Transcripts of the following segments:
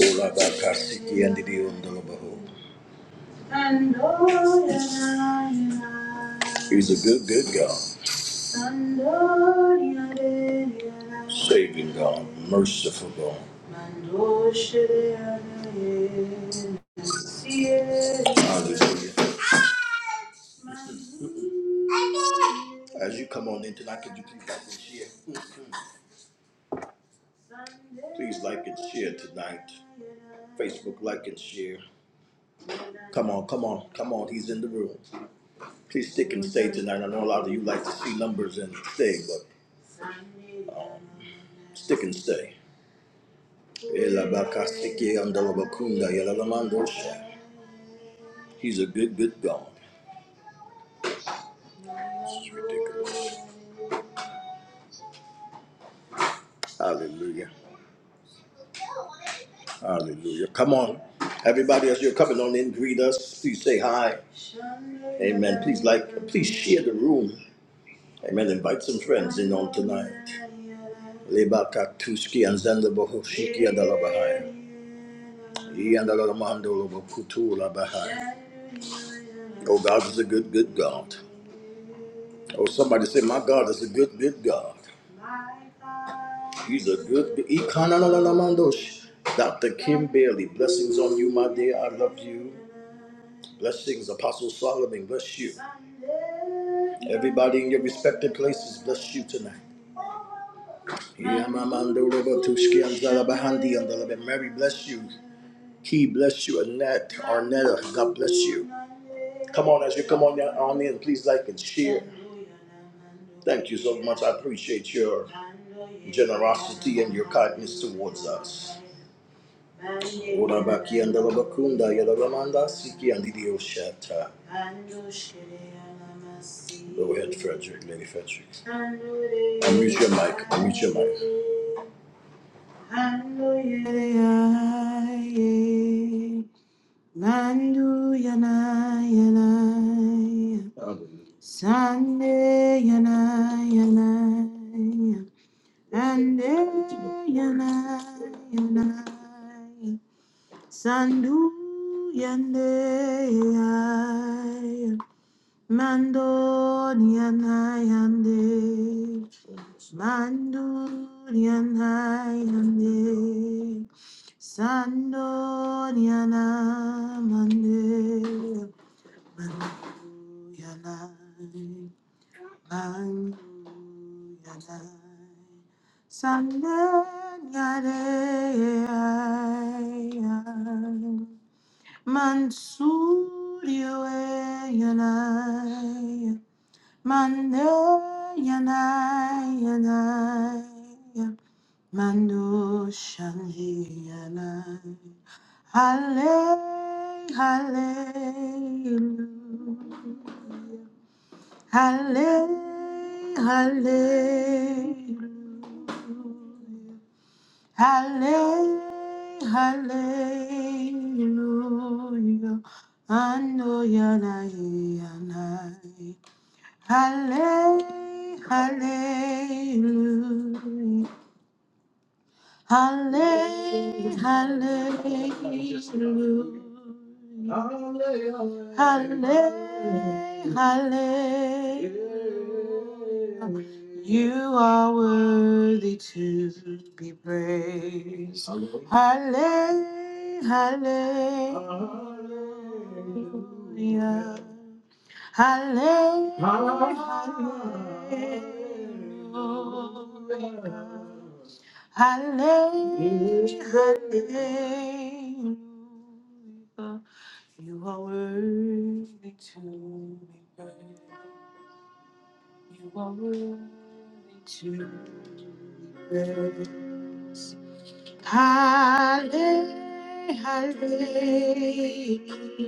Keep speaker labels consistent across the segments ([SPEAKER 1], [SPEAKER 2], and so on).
[SPEAKER 1] Ola ba kasiki and the ondolobaho. He's a good, good God. Saving God, merciful God. Hallelujah. As you come on in tonight, could you please help me share? Please like and share tonight. Facebook like and share. Come on, come on, come on. He's in the room. Please stick and stay tonight. I know a lot of you like to see numbers and stay, but um, stick and stay. He's a good, good God. This is ridiculous. Hallelujah. Hallelujah. Come on. Everybody, as you're coming on in, greet us. Please say hi. Amen. Please like, please share the room. Amen. Invite some friends in on tonight. Leba Katuski and Zanda Bohoshiki and Alabahai. E and Alamando Kutu Labahai. Oh, God is a good, good God. Oh, somebody say, My God is a good, good God. He's a good, good E Dr. Kim Bailey, blessings on you, my dear. I love you. Blessings, Apostle Solomon, bless you. Everybody in your respective places, bless you tonight. Yeah, my man, do rubber To Yamamandorobotushki andalabahandi andalabe. Mary, bless you. He bless you. Annette, Arnetta, God bless you. Come on, as you come on, your- on in, please like and share. Thank you so much. I appreciate your generosity and your kindness towards us. Ora baki and Zala bakunda andalabakunda yadalamanda siki andidioshata. Go ahead, Frederick, Lady Frederick. Unmute your mic. Unmute your mic.
[SPEAKER 2] Yaye, Mandu yana yana, Sunday yana yana, Ande yana yana, Sandu yande Mando Nianayande. Mando Nianayande. Sando Niana Mande. Mando Yanai. Mando Yanai. Sando Nianayande. yana. Mando yanai yanai Mando shanji yanai Halle hallelujah Halle hallelujah Halle hallelujah Ando yanai yanai Halle- Hallelujah. Halle- Hallelujah. Halle- Hallelujah. You are worthy to be praised. Halle- Hallelujah. Halle- Hallelujah. Hallelujah. Hallelujah. You are worthy to be praised. You are worthy to be praised. Hallelujah. Hallelujah.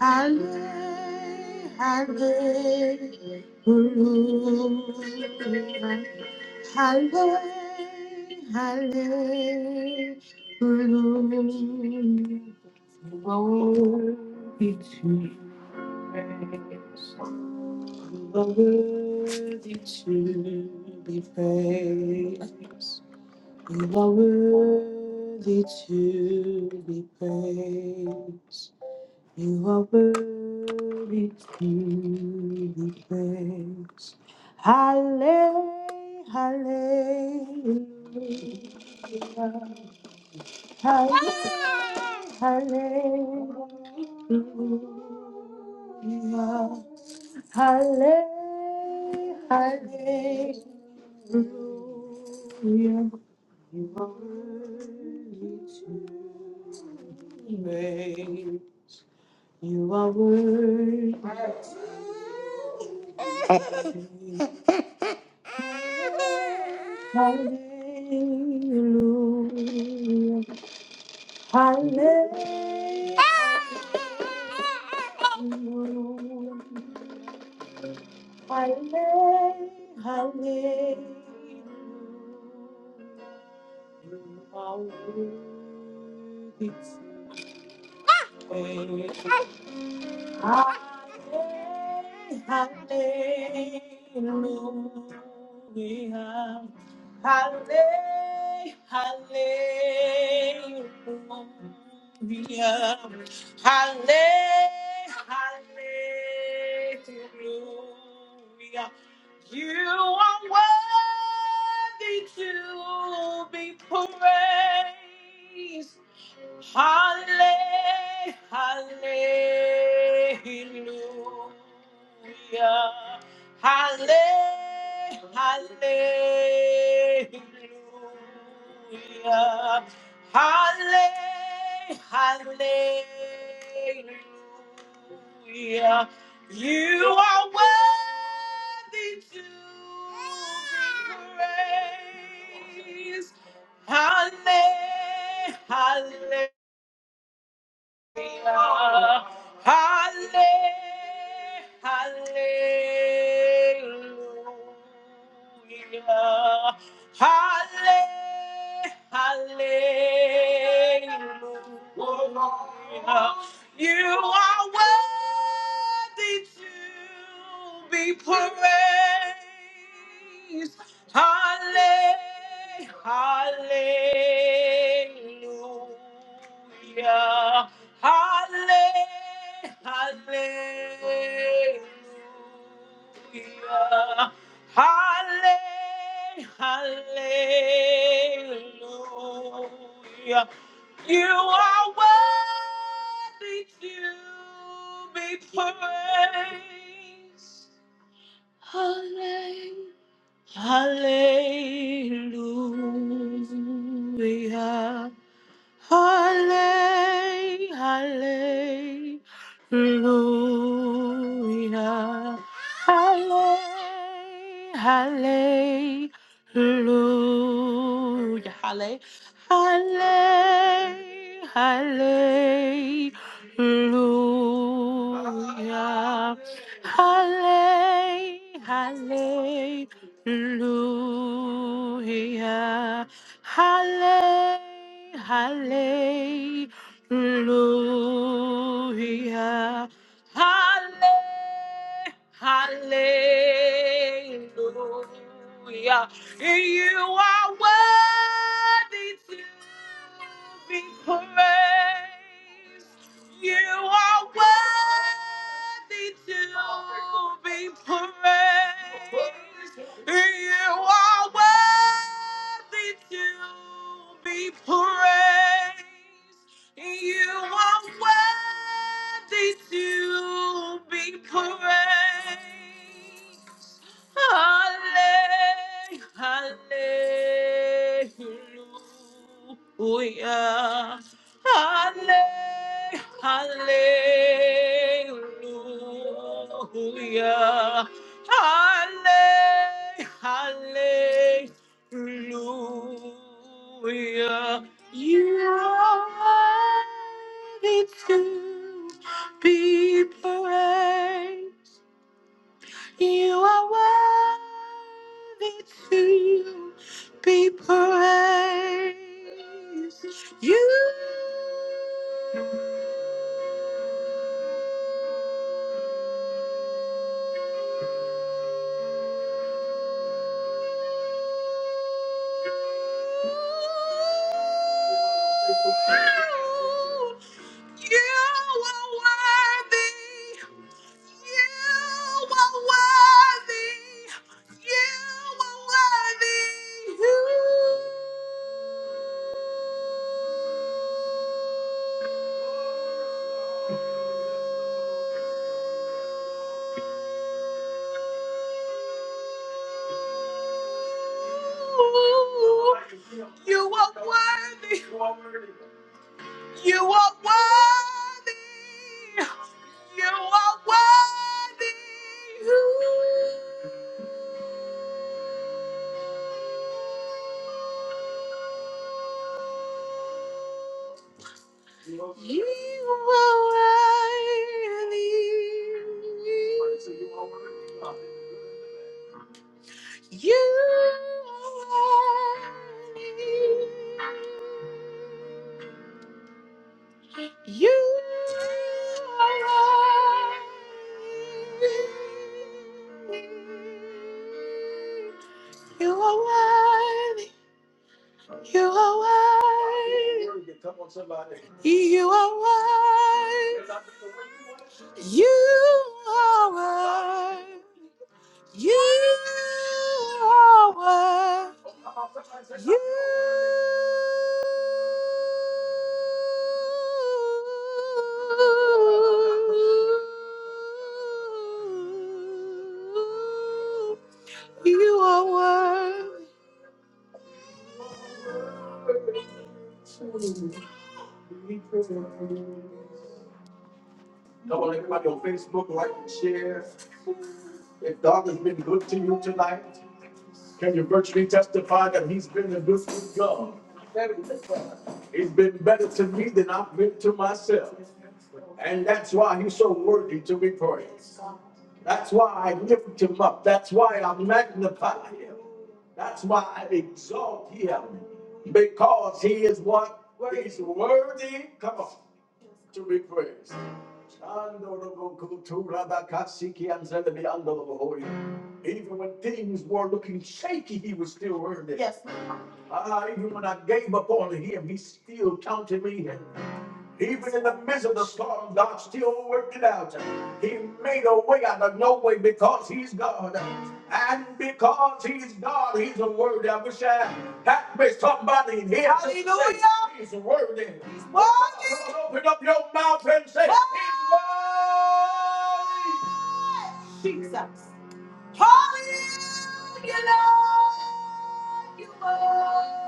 [SPEAKER 2] Hallelujah! hallelujah. Halle, hallelujah. Worthy to praise, worthy to be praised. You are worthy to be praised. You are worthy to be praised. Halle- Hallelujah. Halle- Hallelujah. Halle- Hallelujah. You are worthy to be praised. You are worthy. Hallelujah. Hallelujah. Hallelujah. Hallelujah. you are worthy. Hallelujah. Halle- Hallelujah. Hallelujah. You are worthy to be praised. Halle- Hallelujah. Halle- Hallelujah. Halle- Hallelujah. You are worthy to be praised. Halle, Hallelujah. Halle- Hallelujah. You are worthy to be praised. Halle- Hallelujah. Halle- Hallelujah. Halle- Hallelujah. You are worthy to be praised. Hallelujah. Hallelujah. Halle- Hallelujah. Halle- Hallelujah. Halle- Halle- Hallelujah. Halle- Hallelujah. Halle- Hallelujah. Halle- Hallelujah. You are worthy to be praised. You are worthy to be praised. You are worthy to be praised. You are worthy to be praised. Halle- Hallelujah. Halle- Hallelujah. Halle- Hallelujah. You are worthy to be praised. You are worthy to be praised. You, you are worthy. You are worthy. You are worthy. You, you are worthy. You are worthy. You are worthy. You are worthy. You are worthy. You are worthy. You are worthy. You are worthy. Come on, somebody. You are worthy. You are worthy. You are worthy. You you are worthy. Come on, everybody on Facebook, like and share. If God has been good to you tonight, can you virtually testify that He's been a good God? He's been better to me than I've been to myself. And that's why He's so worthy to be praised. That's why I lift Him up. That's why I magnify Him. That's why I exalt Him. Because He is what? He's worthy, come on, to be praised. Even when things were looking shaky, he was still earning. Yes. Ah, even when I gave up on him, he still counted me in. Even in the midst of the storm, God still worked it out. He made a way out of no way because He's God. And because He's God, He's a word I wish I had with somebody. He has Hallelujah. He's worthy. He's worthy. Come on, open up your mouth and say, He's worthy. Jesus. Hallelujah, Lord, you are.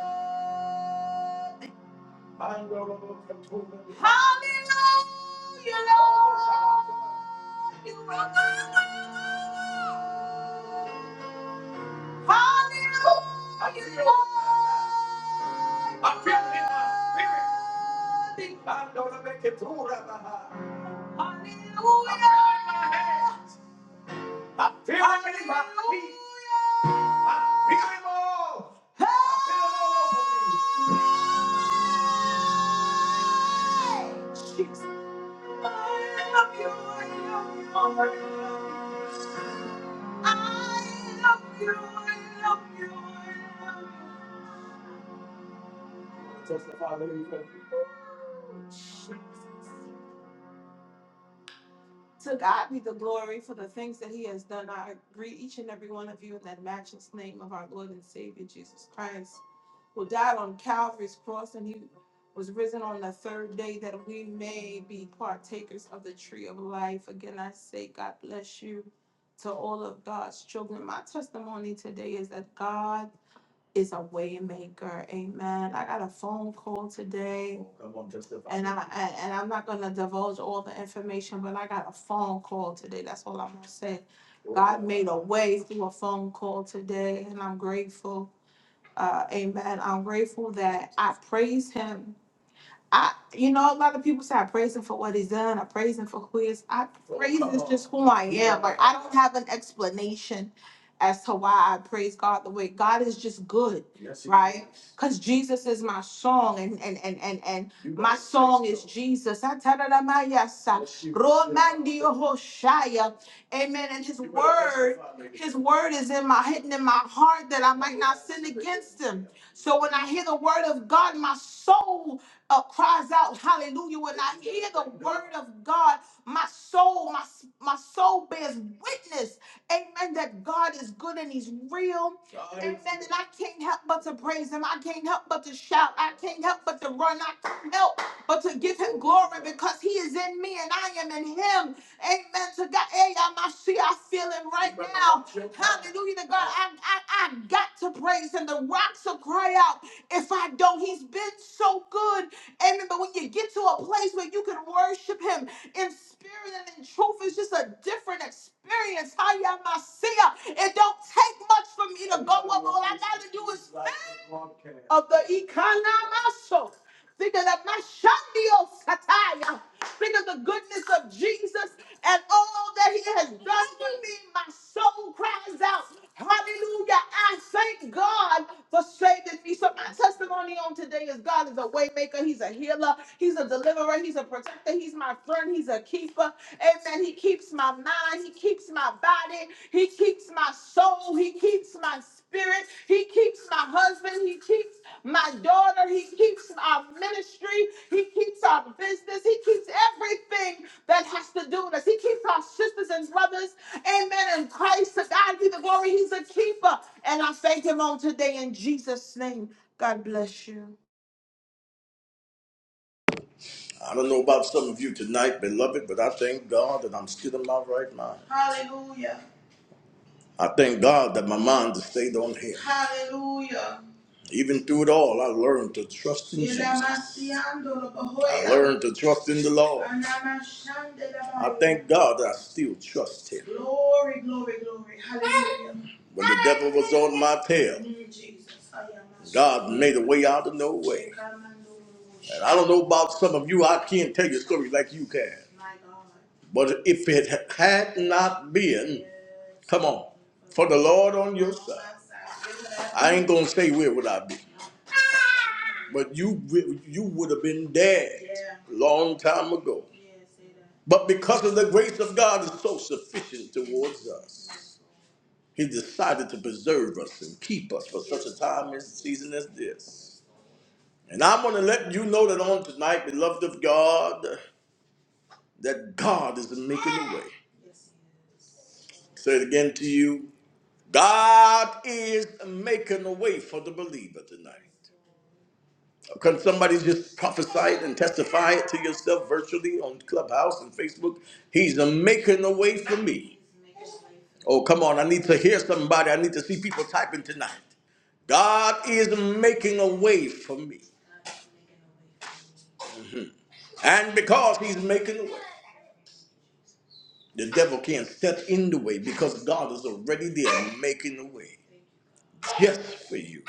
[SPEAKER 2] Hallelujah, Lord. Testify, let me pray. To God be the glory for the things that He has done. I greet each and every one of you in that matchless name of our Lord and Savior Jesus Christ, who died on Calvary's cross and He was risen on the third day that we may be partakers of the tree of life. Again, I say, God bless you to all of God's children. My testimony today is that God is a way maker. Amen. I got a phone call today. Come on, justify. And I I- and I'm not gonna divulge all the information, but I got a phone call today. That's all I'm gonna say. God made a way through a phone call today, and I'm grateful. Uh, amen. I'm grateful that I praise Him I, you know, a lot of people say I praise him for what he's done. I praise him for who he is. I praise is just who I am. Like I don't have an explanation as to why I praise God the way God is just good, Yes, he right? Because Jesus is my song, and and and and and You my better say song praise is so. Jesus. I tell it on my yes, I- Yes, you better say so. Amen. And His You better word, testify, lady. His word is in my hidden in my heart that I might not sin against Him. So when I hear the word of God, my soul uh, cries out, hallelujah, when I hear the word of God, my soul, my, my soul bears witness, amen, that God is good and he's real, amen, and I can't help but to praise him, I can't help but to shout, I can't help but to run, I can't help but to give him glory because he is in me and I am in him, amen, to God, hey, I'm- I see, I feel him right now, hallelujah to God, I, I, I got to praise him, the rocks will cry out, if I don't, he's been so good. Amen. But when you get to a place where you can worship Him in spirit and in truth, it's just a different experience. Hayamasia. It don't take much for me to go up. All I got to do is think of the economical. Think of the Mashandio Sataya. Think of the goodness of Jesus and all that He has done for me. My soul cries out, Hallelujah. I thank God frustrated me. So my testimony on today is God is a waymaker. He's a healer. He's a deliverer. He's a protector. He's my friend. He's a keeper. Amen. He keeps my mind. He keeps my body. He keeps my soul. He keeps my spirit. He keeps my husband. He keeps my daughter. He keeps our ministry. He keeps our business. He keeps everything that has to do with us. He keeps our sisters and brothers. Amen. In Christ, to God be the glory. He's a keeper. And I thank him on today in Jesus' name. God bless you.
[SPEAKER 1] I don't know about some of you tonight, beloved, but I thank God that I'm still in my right mind. Hallelujah. I thank God that my mind has stayed on Him. Hallelujah. Even through it all, I learned to trust in Jesus. I learned to trust in the Lord. I thank God that I still trust Him. Glory, glory, glory. Hallelujah. When the devil was on my tail, Mm, Jesus. God made a way out of no way. And I don't know about some of you, I can't tell you stories like you can. My God. But if it had not been, Yes. come on. For the Lord on your side. I ain't gonna say where would I be, but you wi- you would have been dead Yeah. long time ago. Yeah, say that. But because of the grace of God is so sufficient towards us, He decided to preserve us and keep us for such a time and season as this. And I want to let you know that on tonight, beloved of God, that God is making a way. Yes, He is. Say it again to you. God is making a way for the believer tonight. Can somebody just prophesy it and testify it to yourself virtually on Clubhouse and Facebook? He's a making a way for me. Oh, come on. I need to hear somebody. I need to see people typing tonight. God is making a way for me. And because he's making a way, the devil can't step in the way because God is already there making a way just for you.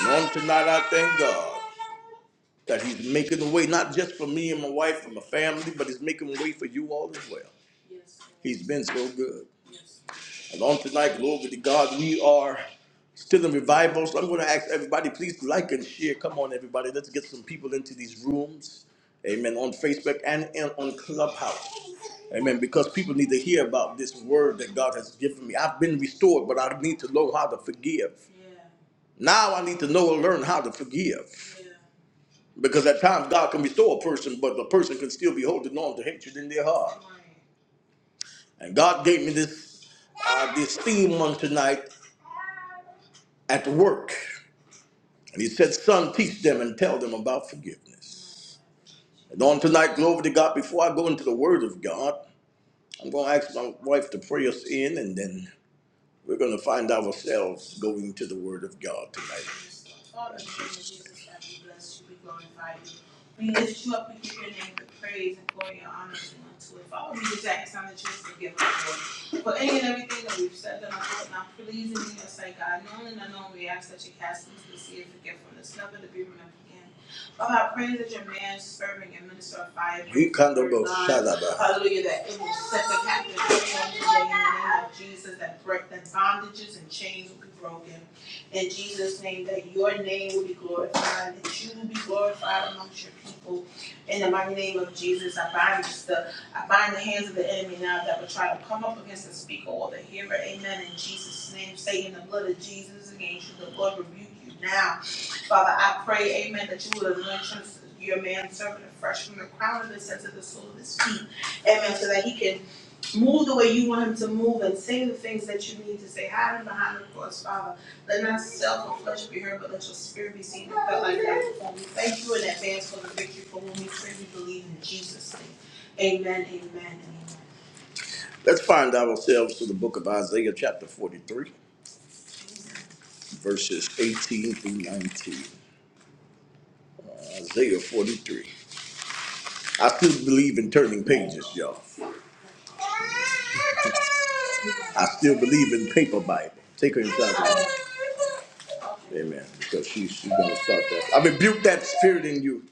[SPEAKER 1] And on tonight, I thank God. That he's making a way, not just for me and my wife and my family, but he's making a way for you all as well. Yes, Lord. He's been so good. Yes. And on tonight, glory to God, we are still in revival. So I'm going to ask everybody, please like and share. Come on, everybody. Let's get some people into these rooms. Amen. On Facebook and in, on Clubhouse. Amen. Because people need to hear about this word that God has given me. I've been restored, but I need to know how to forgive. Yeah. Now I need to know and learn how to forgive. Yeah. Because at times God can restore a person, but the person can still be holding on to hatred in their heart. And God gave me this uh, this theme on tonight at work. And he said, son, teach them and tell them about forgiveness. And on tonight, glory to God, before I go into the word of God, I'm going to ask my wife to pray us in and then We're going to find ourselves going to the Word of God tonight. Father, in the name of Jesus, God, we bless you, we glorify you. We lift you up, we give your name the praise and glory and honor unto it. Father, we just ask on the church to give us glory. For any and everything that we've said that I thought not pleasing in your sight, God, known and unknown, we ask that you cast into the sea of forgetfulness, never to be remembered again. Oh, I pray that your man serving and minister of fire You can't do both. God. shadaba. Hallelujah, that it will set the captives free today in the name of Jesus, that break that bondages and chains will be broken. In Jesus' name, that your name will be glorified, that you will be glorified amongst your people. In the mighty name of Jesus, I bind just the I bind the hands of the enemy now that will try to come up against the speaker or the hearer. Amen. In Jesus' name, Satan, the blood of Jesus against you, the Lord rebuke you now Father, I pray, amen, that you would anoint him, your man servant fresh from the crown of his head to the sole of his feet. Amen. So that he can move the way you want him to move and say the things that you need to say. Hide him behind the cross, Father. Let not self or flesh be heard, but let your spirit be seen and felt like that. before. We thank you in advance for the victory for whom we pray we believe in Jesus' name. Amen, amen, and amen. Let's find ourselves to the book of Isaiah, chapter 43, verses 18 through 19. Uh, Isaiah 43. I still believe in turning pages, y'all. I still believe in paper Bible. Take her inside. the room. Amen. Because she, she's going to start that. I rebuke that spirit in you.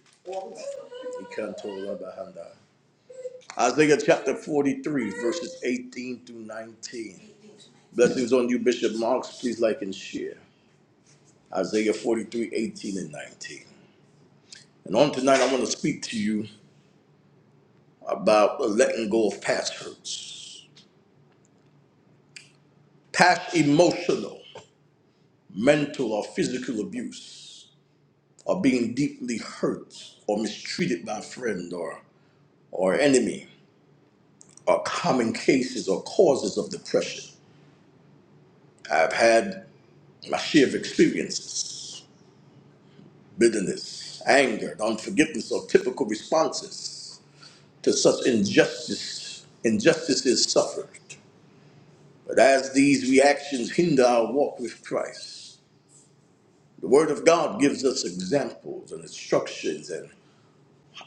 [SPEAKER 1] He can't tell her behind her. Isaiah chapter 43, verses 18 through 19. Blessings on you, Bishop Marks. Please like and share. Isaiah 43, 18 and 19. And on tonight, I want to speak to you about letting go of past hurts, past emotional. mental or physical abuse, or being deeply hurt or mistreated by a friend or, or enemy are common cases or causes of depression. I've had my share of experiences, bitterness, anger, unforgiveness are typical responses to such injustice, injustices suffered. But as these reactions hinder our walk with Christ, the Word of God gives us examples and instructions and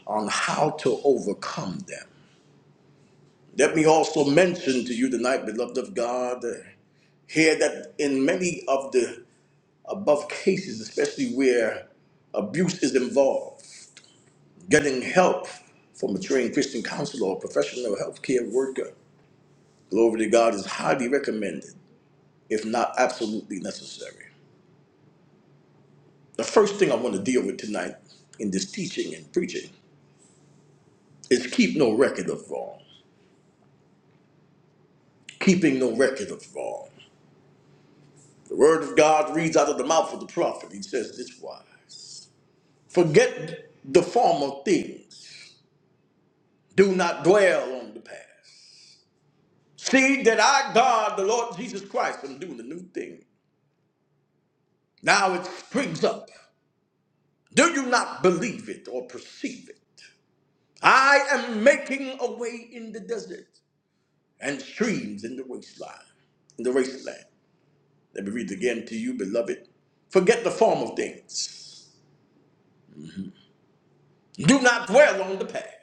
[SPEAKER 1] on how to overcome them. Let me also mention to you tonight, beloved of God, uh, here that in many of the above cases, especially where abuse is involved, getting help from a trained Christian counselor or professional healthcare worker, glory to God, is highly recommended, if not absolutely necessary. The first thing I want to deal with tonight in this teaching and preaching is keep no record of wrong. Keeping no record of wrong. The word of God reads out of the mouth of the prophet. He says this wise Forget the former things, do not dwell on the past. See that I, God, the Lord Jesus Christ, am doing a new thing. Now it springs up. Do you not believe it or perceive it? I am making a way in the desert and streams in the wasteland. In the wasteland. Let me read it again to you, beloved. Forget the former things. Do not dwell on the past.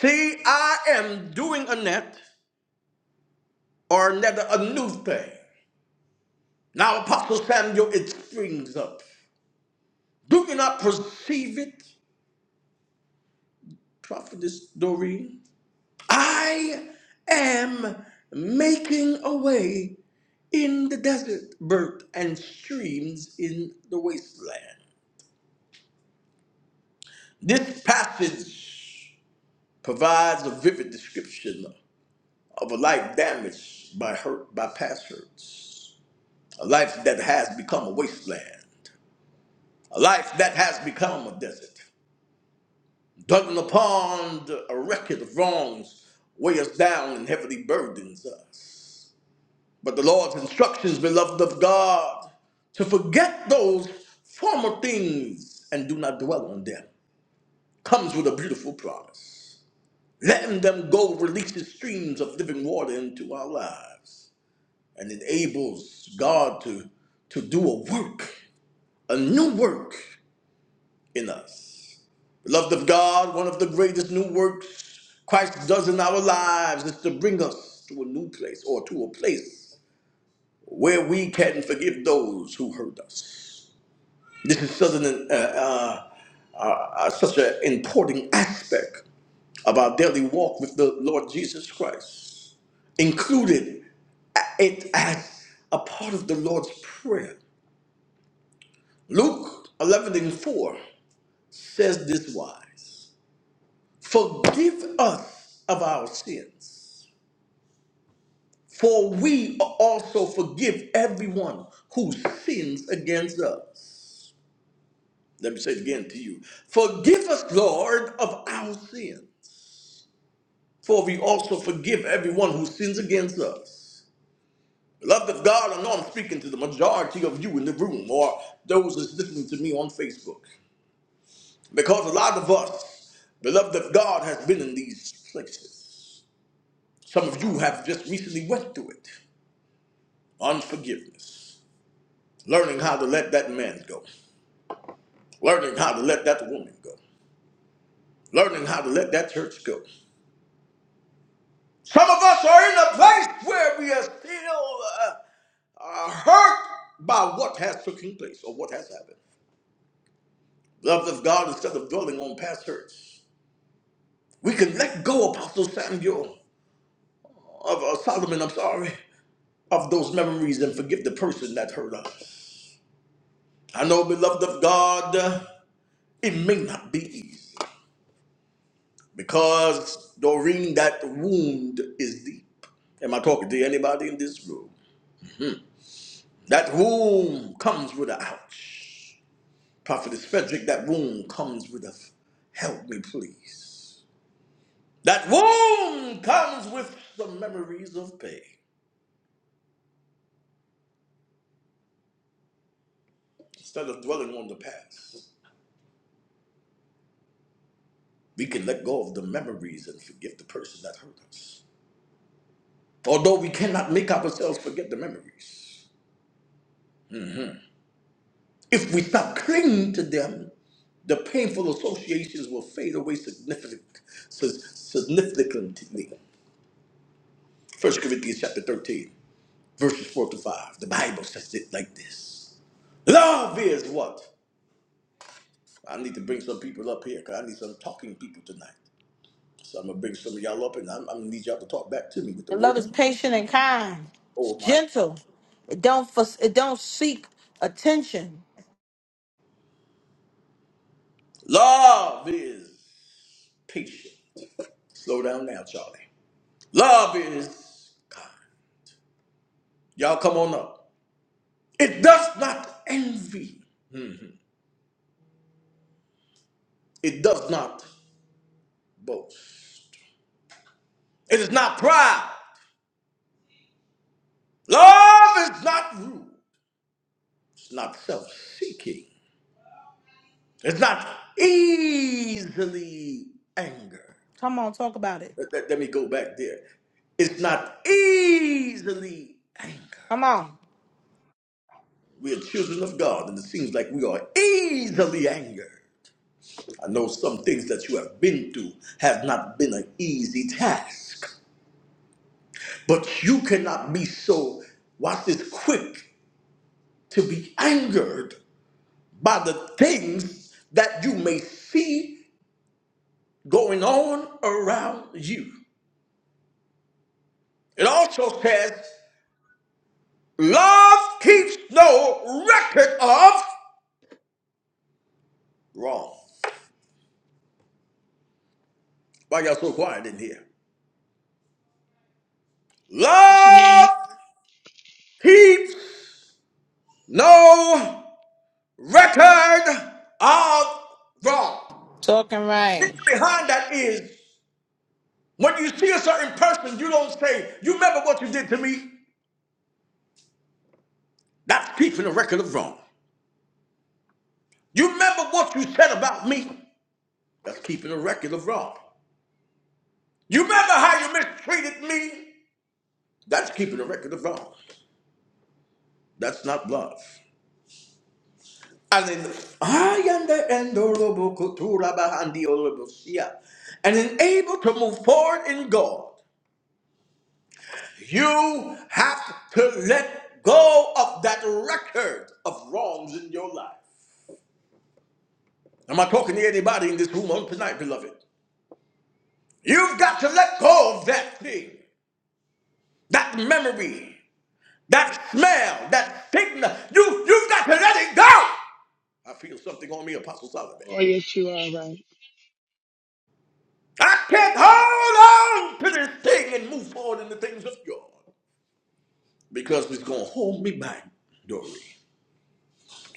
[SPEAKER 1] See, I am doing a net or net a new thing. Now, Apostle Samuel, it springs up. Do you not perceive it, Prophetess Doreen? I am making a way in the desert, birth, and streams in the wasteland. This passage provides a vivid description of a life damaged by hurt by past hurts, a life that has become a wasteland a life that has become a desert, dwelling upon the- a record of wrongs, weigh us down and heavily burdens us. But the Lord's instructions, beloved of God, to forget those former things and do not dwell on them, comes with a beautiful promise. Letting them go releases streams of living water into our lives and enables God to, to do a work, a new work in us. Beloved of God, one of the greatest new works Christ does in our lives is to bring us to a new place or to a place where we can forgive those who hurt us. This is such an, uh, uh, uh, uh, such an important aspect of our daily walk with the Lord Jesus Christ, included it as a part of the Lord's Prayer. Luke 11 and 4 says this wise Forgive us of our sins For we also forgive everyone who sins against us. Let me say it again to you. Forgive us, Lord, of our sins. For we also forgive everyone who sins against us. Beloved of God, I know I'm speaking to the majority of you in the room or those that's listening to me on Facebook. Because a lot of us, beloved of God, has been in these places. Some of you have just recently went through it. Unforgiveness. Learning how to let that man go learning how to let that woman go, learning how to let that church go. Some of us are in a place where we are still uh, uh, hurt by what has taken place or what has happened. Beloved of God, instead of dwelling on past hurts, we can let go, Apostle Samuel, of uh, Solomon, I'm sorry, of those memories and forgive the person that hurt us. I know, beloved of God, uh, it may not be easy. because Doreen, that wound is deep. Am I talking to anybody in this room? That wound comes with a ouch. Prophetess Frederick, that wound comes with a help me please. That wound comes with the memories of pain. Instead of dwelling on the past, we can let go of the memories and forgive the person that hurt us. Although we cannot make ourselves forget the memories. If we stop clinging to them, the painful associations will fade away significant- sig- significantly. First Corinthians chapter 13, verses 4 to 5. The Bible says it like this. Love is what? I need to bring some people up here because I need some talking people tonight. So I'm going to bring some of y'all up and I'm, I'm going to need y'all to talk back to me with the
[SPEAKER 2] And love
[SPEAKER 1] word.
[SPEAKER 2] is patient and kind. It's
[SPEAKER 1] Oh my.
[SPEAKER 2] gentle. It don't fuss, it don't seek attention.
[SPEAKER 1] Love is patient. Slow down now, Charlie. Love is kind. Y'all come on up. It does not envy. It does not boast. It is not proud. Love is not rude. It's not self seeking. It's not easily angered.
[SPEAKER 2] Come on, talk about it.
[SPEAKER 1] Let, let- let me go back there. It's not easily angered.
[SPEAKER 2] Come on.
[SPEAKER 1] We are children of God, and it seems like we are easily angered. I know some things that you have been through have not been an easy task. But you cannot be so, watch this, quick to be angered by the things that you may see going on around you. It also says, love keeps no record of wrong. Why y'all so quiet in here?
[SPEAKER 3] Okay.
[SPEAKER 1] Love keeps no record of wrong.
[SPEAKER 2] All right.
[SPEAKER 1] Meaning behind that is When you see a certain person, you don't say, You remember what you did to me? That's keeping a record of wrong. You remember what you said about me? That's keeping a record of wrong. You remember how you mistreated me? That's keeping a record of wrong. That's not love. And in I am the endurable cultura behind the honorable seer. and in able to move forward in God, you have to let go of that record of wrongs in your life. Am I talking to anybody in this room on tonight, beloved? You've got to let go of that thing, that memory, that smell, that signal. You, you've got to let it go. I feel something on me, Apostle Solomon.
[SPEAKER 3] Lord. Oh, yes, you are right.
[SPEAKER 1] I can't hold on to this thing and move forward in the things of God because it's going to hold me back, Dory.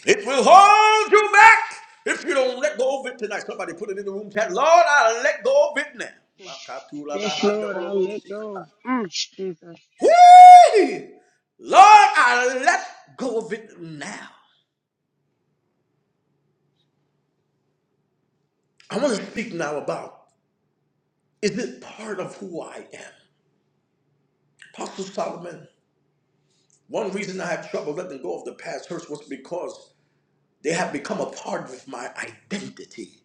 [SPEAKER 1] It will hold you back if you don't let go of it tonight. Somebody put it in the room chat. Lord, I'll let go of it now.
[SPEAKER 3] Yes, Lord, I'll let go. Mm, Jesus,
[SPEAKER 1] Hey! Lord, I let go of it now. I want to speak now about is it part of who I am? Apostle Solomon, one reason I have trouble letting go of the past hurts was because they have become a part of my identity,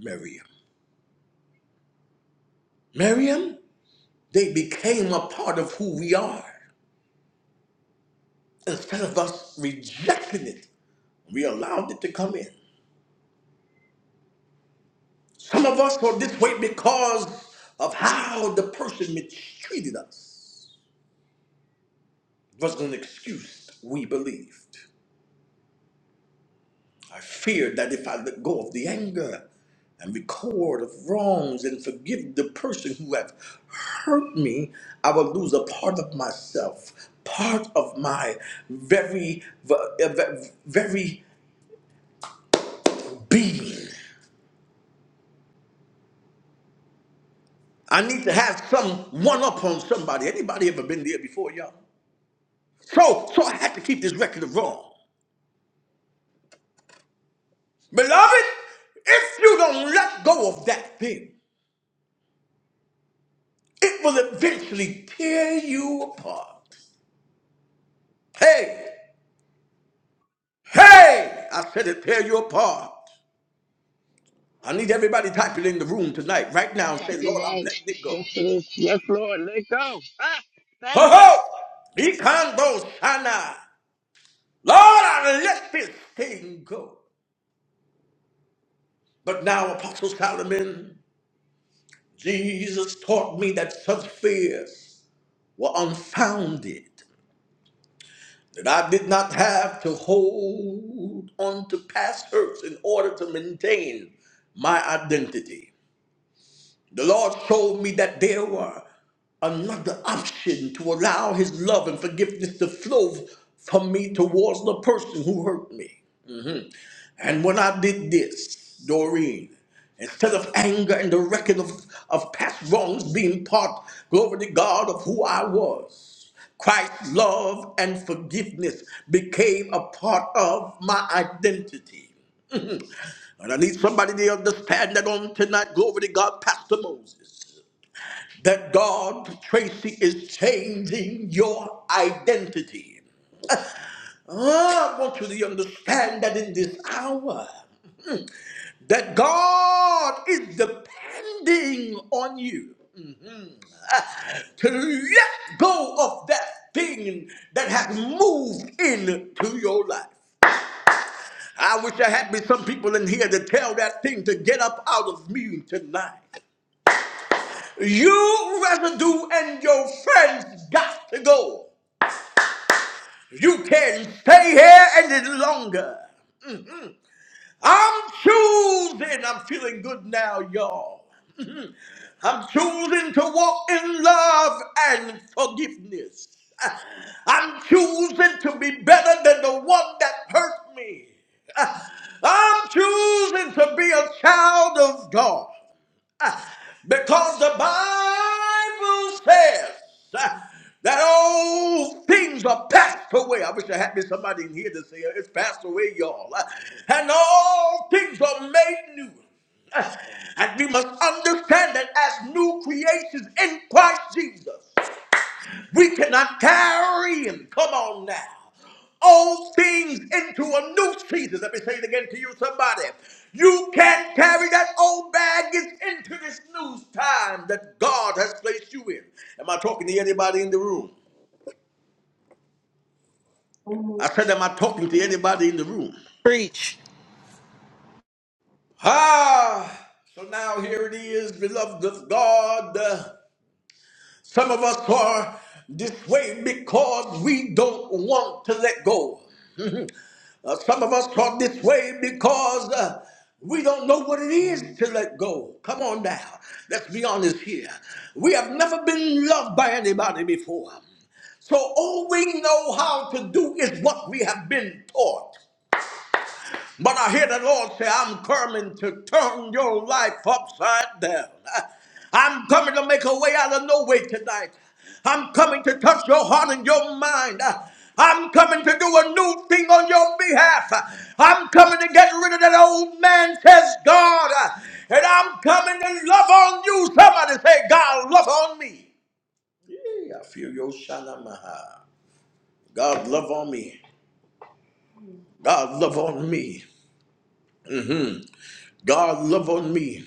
[SPEAKER 1] Miriam. Miriam, they became a part of who we are. Instead of us rejecting it, we allowed it to come in. Some of us are this way because of how the person mistreated us. was an excuse we believed. I feared that if I let go of the anger and record of wrongs and forgive the person who have hurt me, I would lose a part of myself, part of my very, very being. I need to have some one up on somebody. Anybody ever been there before, y'all? So, so I had to keep this record of wrong. Beloved, if you don't let go of that thing, It will eventually tear you apart. Hey, hey, I said it tear you apart. I need everybody typing in the room tonight, right
[SPEAKER 3] you
[SPEAKER 1] now, and
[SPEAKER 3] got
[SPEAKER 1] say,
[SPEAKER 3] it
[SPEAKER 1] Lord, I'm
[SPEAKER 3] right.
[SPEAKER 1] letting it
[SPEAKER 3] Yes,
[SPEAKER 1] go.
[SPEAKER 3] it is. Yes, Lord, let go. Ah,
[SPEAKER 1] Ho
[SPEAKER 3] thank you.
[SPEAKER 1] ho! Ikando shana. Lord, I let this thing go. But now, Apostle Solomon, Jesus taught me that such fears were unfounded. that I did not have to hold on to past hurts in order to maintain my identity. The Lord showed me that there were another option to allow His love and forgiveness to flow from me towards the person who hurt me. And when I did this, Doreen, instead of anger and the record of, of past wrongs being part, glory to God, of who I was, Christ's love and forgiveness became a part of my identity. And I need somebody to understand that on tonight, glory to God, Pastor Moses, that God, Tracy, is changing your identity. Ah, I want you to understand that in this hour. that God is depending on you to let go of that thing that has moved into your life. I wish there had been some people in here to tell that thing to get up out of me tonight. You residue and your friends got to go. You can stay here any longer. I'm choosing. I'm feeling good now, y'all. I'm choosing to walk in love and forgiveness. I'm choosing to be better than the one that hurt me. I'm choosing to be a child of God because the Bible says uh, that all things are passed away. I wish I had me somebody in here to say it's passed away, y'all. Uh, And all things are made new. Uh, And we must understand that as new creations in Christ Jesus. We cannot carry him. Come on now. All things into a new season. Let me say it again to you, somebody. You can't carry that old baggage into this new time that God has placed you in. Am I talking to anybody in the room?
[SPEAKER 4] Amen.
[SPEAKER 1] I said, Am I talking to anybody in the room?
[SPEAKER 2] Preach.
[SPEAKER 1] Ah, so now here it is, beloved of God. Uh, Some of us are this way because we don't want to let go. Uh, some of us talk this way because uh, we don't know what it is to let go. Come on now. Let's be honest here. We have never been loved by anybody before. So all we know how to do is what we have been taught. But I hear the Lord say, I'm coming to turn your life upside down. I'm coming to make a way out of no way tonight. I'm coming to touch your heart and your mind. I'm coming to do a new thing on your behalf. I'm coming to get rid of that old man, says God. And I'm coming to love on you. Somebody say, God, love on me. Yeah, I feel your shalamaha. God love on me. God love on me. God love on me.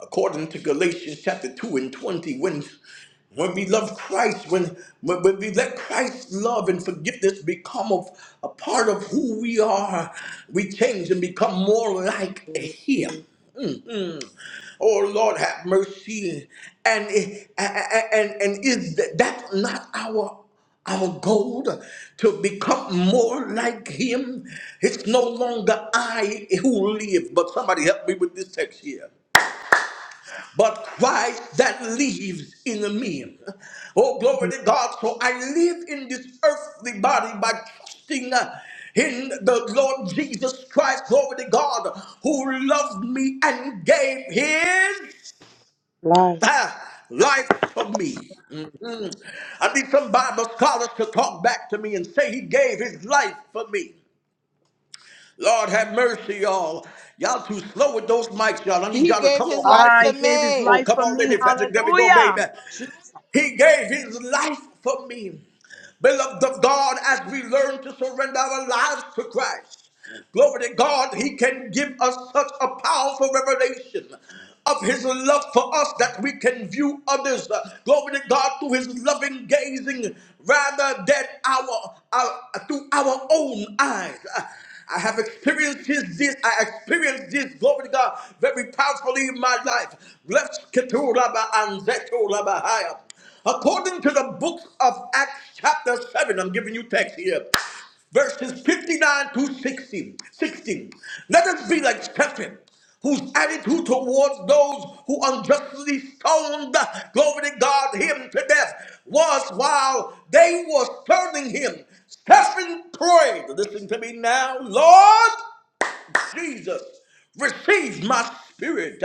[SPEAKER 1] according to Galatians chapter 2 and 20, when when we love Christ, when, when, when we let Christ's love and forgiveness become of, a part of who we are, we change and become more like Him. Oh Lord, have mercy. And, and, and is that, that not our our goal to become more like him. It's no longer I who live, but somebody help me with this text here but Christ that lives in me. Oh, glory to God. So I live in this earthly body by trusting uh, in the Lord Jesus Christ, glory to God, who loved me and gave his
[SPEAKER 3] Life.
[SPEAKER 1] uh, life for me. Mhm. I need some Bible scholars to talk back to me and say he gave his life for me. Lord have mercy, y'all. Y'all too slow with those mics, y'all. I need
[SPEAKER 2] He
[SPEAKER 1] y'all to
[SPEAKER 2] gave
[SPEAKER 1] come
[SPEAKER 2] his
[SPEAKER 1] on,
[SPEAKER 2] life
[SPEAKER 1] baby.
[SPEAKER 3] Ah,
[SPEAKER 2] for
[SPEAKER 3] he gave his
[SPEAKER 1] Oh,
[SPEAKER 2] me.
[SPEAKER 3] life
[SPEAKER 1] come
[SPEAKER 3] for
[SPEAKER 1] on,
[SPEAKER 3] me.
[SPEAKER 1] Lady Patrick. There we go, baby.
[SPEAKER 3] Hallelujah. Jesus.
[SPEAKER 1] He gave his life for me. Beloved of God, as we learn to surrender our lives to Christ, glory to God, he can give us such a powerful revelation of his love for us that we can view others, uh, glory to God, through his loving gazing rather than our, our through our own eyes. Uh, I have experienced this, this, I experienced this, glory to God, very powerfully in my life. Blessed Keturaba and Zeturabahaya. According to the book of Acts, chapter 7, I'm giving you text here verses 59 to 60. 60. Let us be like Stephen, whose attitude towards those who unjustly stoned, glory to God, him to death was while they were stoning him. Stephen prayed, listen to me now, Lord Jesus, receive my spirit.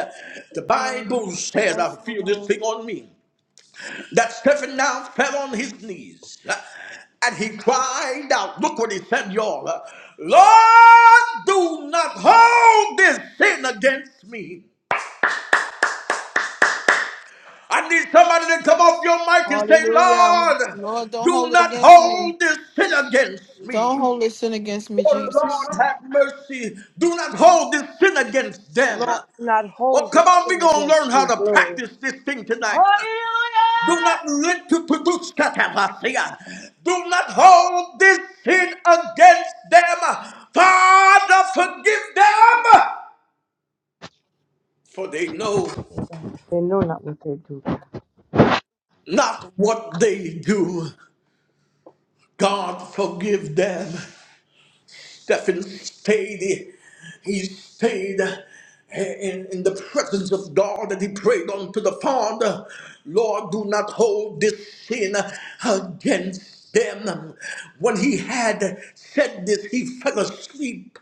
[SPEAKER 1] The
[SPEAKER 2] Yes,
[SPEAKER 1] Bible says, I
[SPEAKER 2] yes,
[SPEAKER 1] feel this
[SPEAKER 2] Lord.
[SPEAKER 1] thing on me that Stephen now fell on his knees uh, and he cried out. Look what he said, y'all. uh, Lord, do not hold this sin against me. I need somebody to come off your mic and say,
[SPEAKER 2] Hallelujah.
[SPEAKER 1] Lord,
[SPEAKER 2] Lord, don't
[SPEAKER 1] do
[SPEAKER 2] hold it
[SPEAKER 1] not
[SPEAKER 2] against me.
[SPEAKER 1] hold this sin against
[SPEAKER 2] Don't
[SPEAKER 1] me.
[SPEAKER 2] hold this sin against me,
[SPEAKER 1] Oh, Lord,
[SPEAKER 2] Jesus.
[SPEAKER 1] have mercy. Do not hold this sin against them. Uh,
[SPEAKER 3] Lord, do not
[SPEAKER 1] Oh,
[SPEAKER 3] hold this
[SPEAKER 1] come on, we're
[SPEAKER 3] sin
[SPEAKER 1] going to learn
[SPEAKER 3] against
[SPEAKER 1] how
[SPEAKER 3] me.
[SPEAKER 1] to
[SPEAKER 3] Glory.
[SPEAKER 1] practice this thing tonight. Uh, Do not
[SPEAKER 3] Hallelujah. Jesus.
[SPEAKER 1] let to produce katavasia. Do not hold this sin against them. Father, forgive them, for they know
[SPEAKER 3] oh God. They know not what they do, God.
[SPEAKER 1] not what they do. God, forgive them. Stephen stayed. He stayed in, in the presence of God and he prayed unto the Father, Lord, do not hold this sin against them. When he had said this, he fell asleep.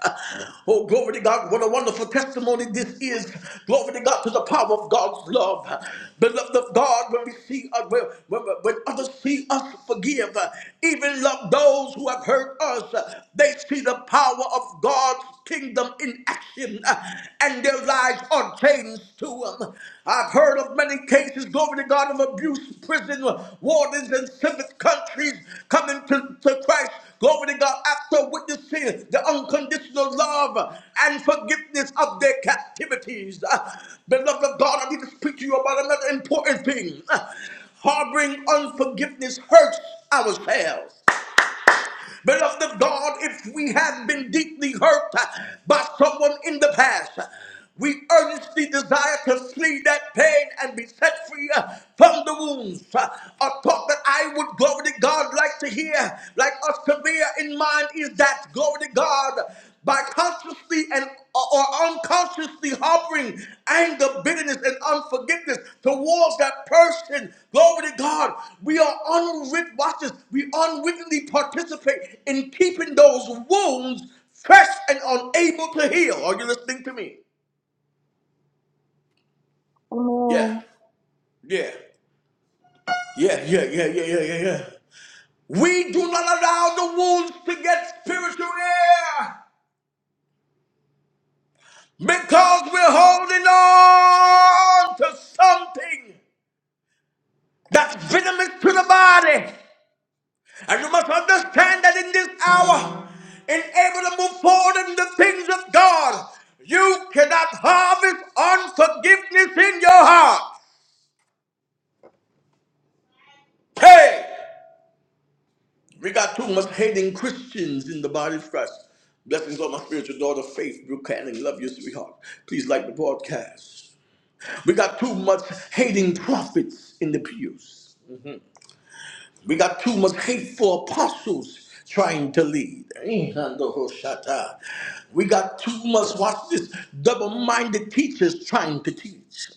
[SPEAKER 1] Oh, glory to God. What a wonderful testimony this is. Glory to God to the power of God's love. Beloved of God, when we see, uh, when, when, when others see us forgive, even love those who have hurt us. They see the power of God's kingdom in action uh, and their lives are changed to them. I've heard of many cases, glory to God, of abuse, prison wardens in civic countries coming to, to Christ. Glory to God, after witnessing the unconditional love and forgiveness of their captivities. Uh, Beloved of God, I need to speak to you about another important thing. Uh, Harboring unforgiveness hurts ourselves. Beloved of God, if we have been deeply hurt uh, by someone in the past, uh, we earnestly desire to flee that pain and be set free uh, from the wounds. Uh, A thought that I would, glory to God, like to hear, like us to bear in mind is that, glory to God by consciously and or unconsciously harboring anger, bitterness, and unforgiveness towards that person. Glory to God. We are unwritten watches. We unwittingly participate in keeping those wounds fresh and unable to heal. Are you listening to me? Yeah.
[SPEAKER 4] Amen.
[SPEAKER 1] Yeah. Yeah, yeah, yeah, yeah, yeah, yeah, yeah. We do not allow the wounds to get spiritual air because we're holding on to something that's venomous to the body. And you must understand that in this hour, in able to move forward in the things of God, you cannot harvest unforgiveness in your heart. Hey, we got too much hating Christians in the body of Christ. Blessings on my spiritual daughter, Faith Buchanan. Love you, sweetheart. Please like the broadcast. We got too much hating prophets in the pews. We got too much hateful apostles trying to lead. Ihandohoshata. We got too much, watch this, double minded teachers trying to teach.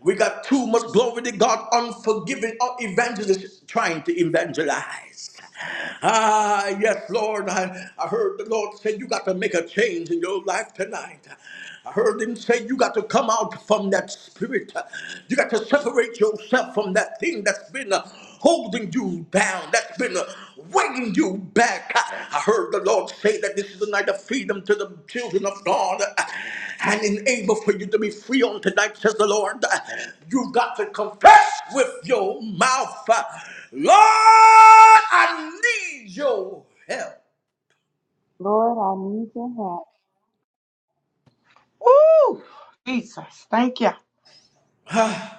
[SPEAKER 1] We got too much, glory to God, unforgiving uh, evangelists trying to evangelize. Ah, yes, Lord. I, I heard the Lord say, You got to make a change in your life tonight. I heard him say, You got to come out from that spirit. You got to separate yourself from that thing that's been. uh, holding you down, that's been uh, weighing you back. I I heard the Lord say that this is the night of freedom to the children of God uh, and enable for you to be free on tonight, says the Lord. Uh, You've got to confess with your mouth, uh, Lord, I need your help.
[SPEAKER 4] Lord, I need your help.
[SPEAKER 3] Ooh, Jesus. Thank you.
[SPEAKER 1] Ah,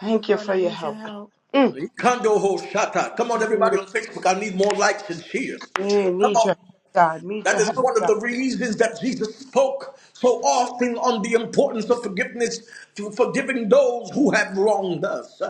[SPEAKER 3] Thank you
[SPEAKER 2] Lord,
[SPEAKER 3] for
[SPEAKER 2] I
[SPEAKER 3] your
[SPEAKER 2] need your
[SPEAKER 3] help, God.
[SPEAKER 2] help.
[SPEAKER 3] Mm.
[SPEAKER 1] Kondo Hoshata. Come on, everybody
[SPEAKER 3] Mm.
[SPEAKER 1] on Facebook. I need more likes and cheers.
[SPEAKER 3] Yeah,
[SPEAKER 1] Come
[SPEAKER 3] need your
[SPEAKER 1] on.
[SPEAKER 3] help, God. Need
[SPEAKER 1] That
[SPEAKER 3] your
[SPEAKER 1] is
[SPEAKER 3] help,
[SPEAKER 1] one of
[SPEAKER 3] God.
[SPEAKER 1] the reasons that Jesus spoke so often on the importance of forgiveness, for- forgiving those who have wronged us.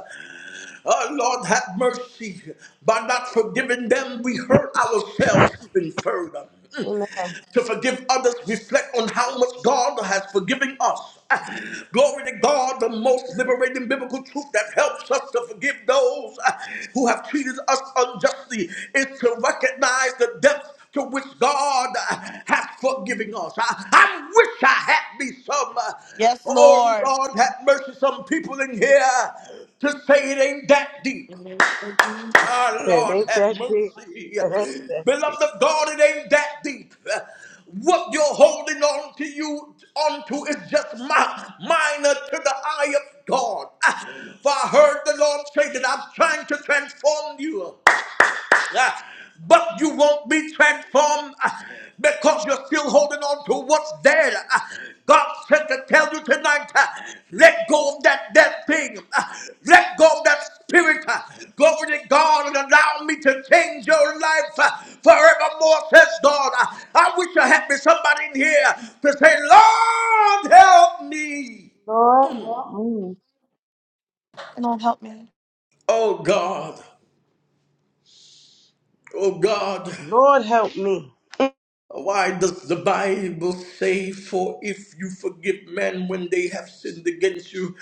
[SPEAKER 1] Oh, Lord, have mercy. By not forgiving them, we hurt ourselves even further. Mm.
[SPEAKER 3] Amen.
[SPEAKER 1] To forgive others, reflect on how much God has forgiven us. Ah, Glory to God, the most liberating biblical truth that helps us to forgive those ah, who have treated us unjustly is to recognize the depth to which God uh, has forgiven us. I, I wish I had me some. uh,
[SPEAKER 2] Yes,
[SPEAKER 1] oh
[SPEAKER 2] Lord.
[SPEAKER 1] Lord, have mercy. Some people in here to say it ain't that deep.
[SPEAKER 2] Lord,
[SPEAKER 1] Ah,
[SPEAKER 3] That
[SPEAKER 1] Lord,
[SPEAKER 3] ain't
[SPEAKER 1] have
[SPEAKER 3] that big.
[SPEAKER 1] mercy.
[SPEAKER 3] That ain't that big.
[SPEAKER 1] Beloved of God, it ain't that deep. What you're holding on to you onto is just my minor to the eye of God. Ah, For I heard the Lord say that I'm trying to transform you. Ah, But you won't be transformed ah, because you're still holding on to what's dead. Ah, God said to tell you tonight, ah, let go of that dead thing. Ah, Let go of that spirit. Ah, Glory to God and allow me to change your life ah, forevermore, says God. Ah, I wish I had been somebody in here to say, Lord, help me.
[SPEAKER 4] Lord, help me.
[SPEAKER 1] Oh God, oh God.
[SPEAKER 3] Lord help me.
[SPEAKER 1] Why does the Bible say, For if you forgive men when they have sinned against you,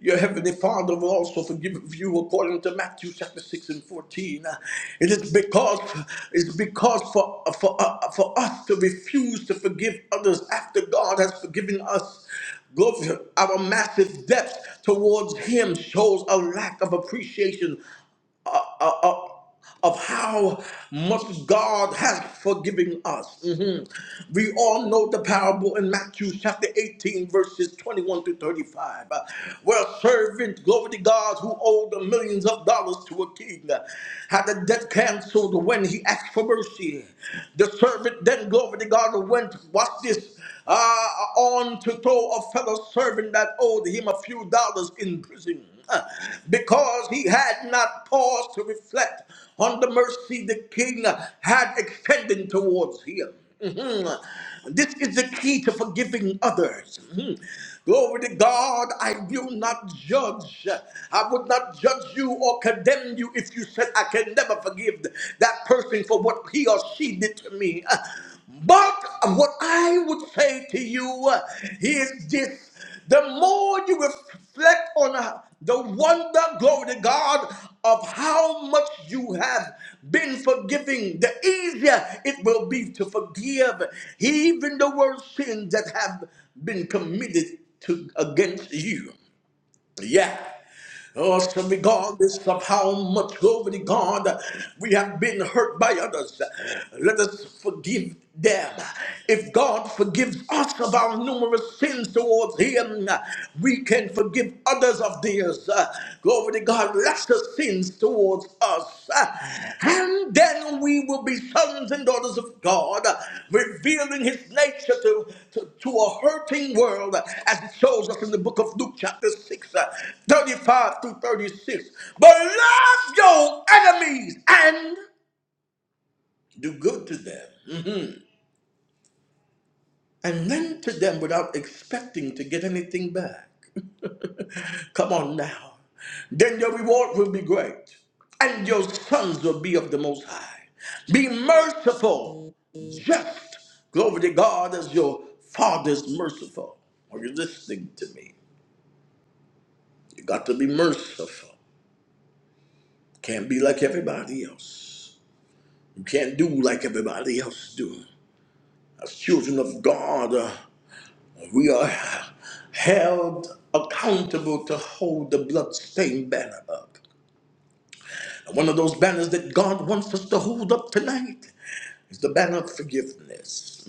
[SPEAKER 1] your heavenly Father will also forgive you, according to Matthew chapter 6 and 14. Uh, It is because it's because for, for, uh, for us to refuse to forgive others after God has forgiven us, glory, our massive debts towards Him shows a lack of appreciation uh, uh, uh, of how much God has forgiven us. Mhm. We all know the parable in Matthew chapter 18, verses 21 to 35, uh, where a servant, glory to God, who owed millions of dollars to a king, uh, had a debt canceled when he asked for mercy. The servant then, glory to God, went, watch this, uh, on to throw a fellow servant that owed him a few dollars in prison uh, because he had not paused to reflect on the mercy the king uh, had extended towards him. Mhm. This is the key to forgiving others. Mhm. Glory to God, I will not judge. I would not judge you or condemn you if you said, I can never forgive that person for what he or she did to me. But what I would say to you is this the more you reflect on how- the wonder, glory to God, of how much you have been forgiving, the easier it will be to forgive even the worst sins that have been committed to against you. Yeah. Oh, so be God, this of how much glory to God we have been hurt by others. Let us forgive them. If God forgives us of our numerous sins towards Him, we can forgive others of theirs. Glory to God. Let us sins towards us. And then we will be sons and daughters of God, revealing his nature to, to, to a hurting world, as it shows us in the book of Luke, chapter 6, uh, 35 through 36. But love your enemies and do good to them. and lend to them without expecting to get anything back. Come on now. Then your reward will be great, and your sons will be of the Most High. Be merciful, just, glory to God, as your father is merciful. Are you listening to me? You got to be merciful. Can't be like everybody else. You can't do like everybody else do. As children of God, uh, We are held accountable to hold the bloodstained banner up. And one of those banners that God wants us to hold up tonight is the banner of forgiveness.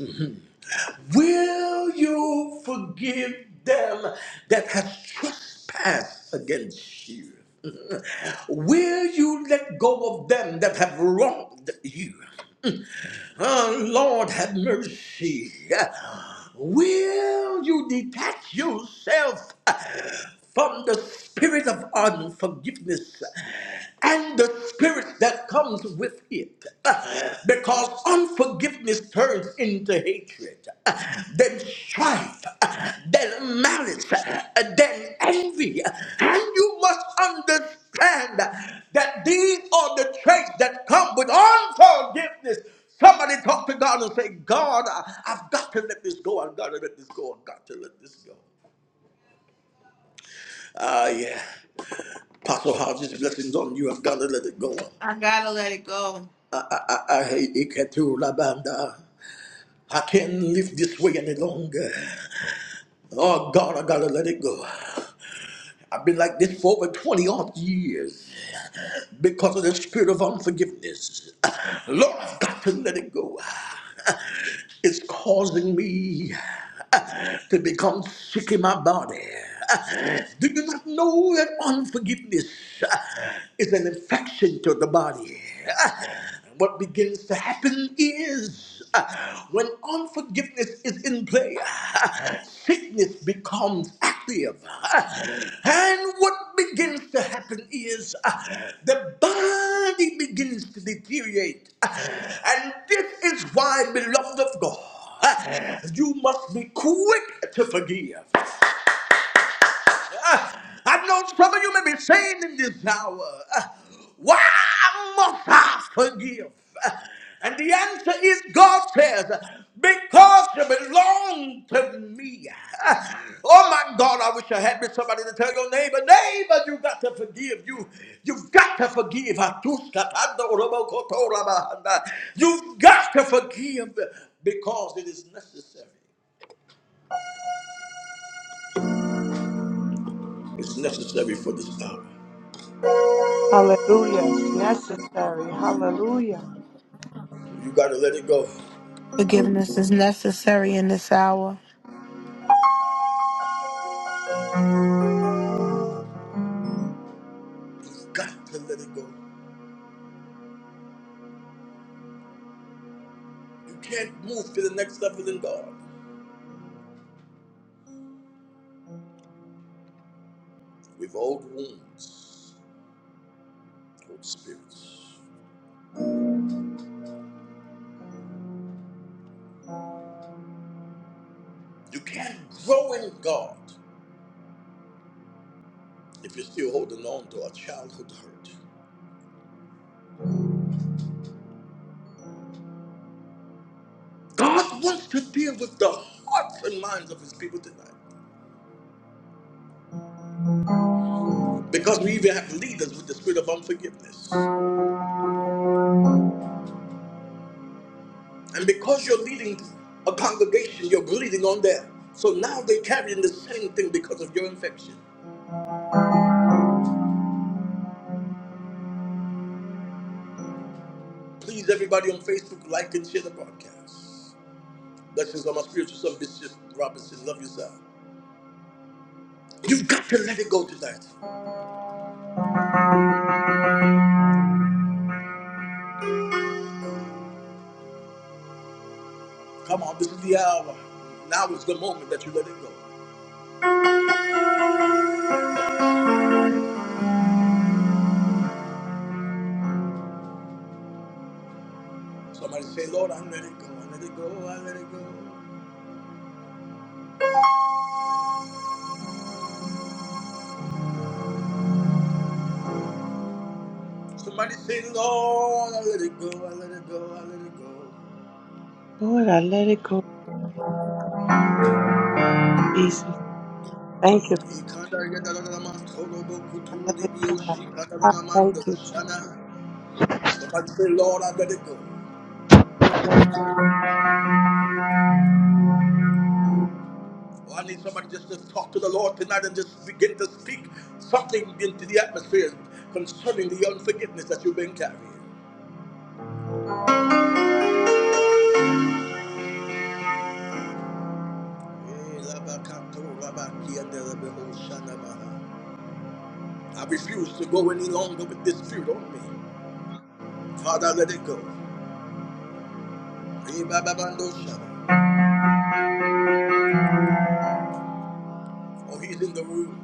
[SPEAKER 1] Will you forgive them that have trespassed against you? Will you let go of them that have wronged you? Oh, Lord, have mercy. Will you detach yourself from the spirit of unforgiveness and the spirit that comes with it. Because unforgiveness turns into hatred, then strife, then malice, then envy. And you must understand that these are the traits that come with unforgiveness. Somebody talk to God and say, God, I- I've got to let this go. I've got to let this go. I've got to let this go. Ah, yeah. Apostle Hodges, blessings on you. I've got to let it go.
[SPEAKER 2] I gotta let it go.
[SPEAKER 1] I, I, I I hate Ikatu Labanda. I can't live this way any longer. Oh God, I gotta let it go. I've been like this for over 20 odd years because of the spirit of unforgiveness. Lord, I've got to let it go. It's causing me to become sick in my body. Do you not know that unforgiveness is an infection to the body? What begins to happen is uh, when unforgiveness is in play, uh, sickness becomes active. Uh, And what begins to happen is uh, the body begins to deteriorate. Uh, And this is why, beloved of God, uh, you must be quick to forgive. Uh, I know some of you may be saying in this hour, uh, why must I forgive? Uh, And the answer is God says, because you belong to me. Uh, Oh my God, I wish I had been somebody to tell your neighbor, neighbor, you got to forgive. You, you've got to forgive. You've got to forgive because it is necessary. It's necessary for this hour.
[SPEAKER 3] Hallelujah. It's necessary. Hallelujah.
[SPEAKER 1] You got to let it go.
[SPEAKER 2] Forgiveness is necessary in this hour.
[SPEAKER 1] You've got to let it go. You can't move to the next level in God with old wounds, old spirits. You can't grow in God if you're still holding on to a childhood hurt. God wants to deal with the hearts and minds of his people tonight because we even have leaders with the spirit of unforgiveness. And because you're leading a congregation, you're bleeding on them. So now they're carrying the same thing because of your infection. Please, everybody on Facebook, like and share the broadcast. Blessings on my spiritual son, Bishop Robinson. Love yourself. You've got to let it go tonight. Come on, this is the hour. Now is the moment that you let it go. Somebody say, Lord, I let it go. I let it go. I let it go. Somebody say, Lord, I let it go. I let it go. I let it go.
[SPEAKER 3] Lord, I let it go, Jesus. Thank you. I let it go. I Thank you, Jesus.
[SPEAKER 1] Somebody say, Lord, I let it go. Oh, I need somebody just to talk to the Lord tonight and just begin to speak something into the atmosphere concerning the unforgiveness that you've been carrying. Eh, I refuse to go any longer with this spirit on me. Father, let it go. Eh, Oh, he's in the room.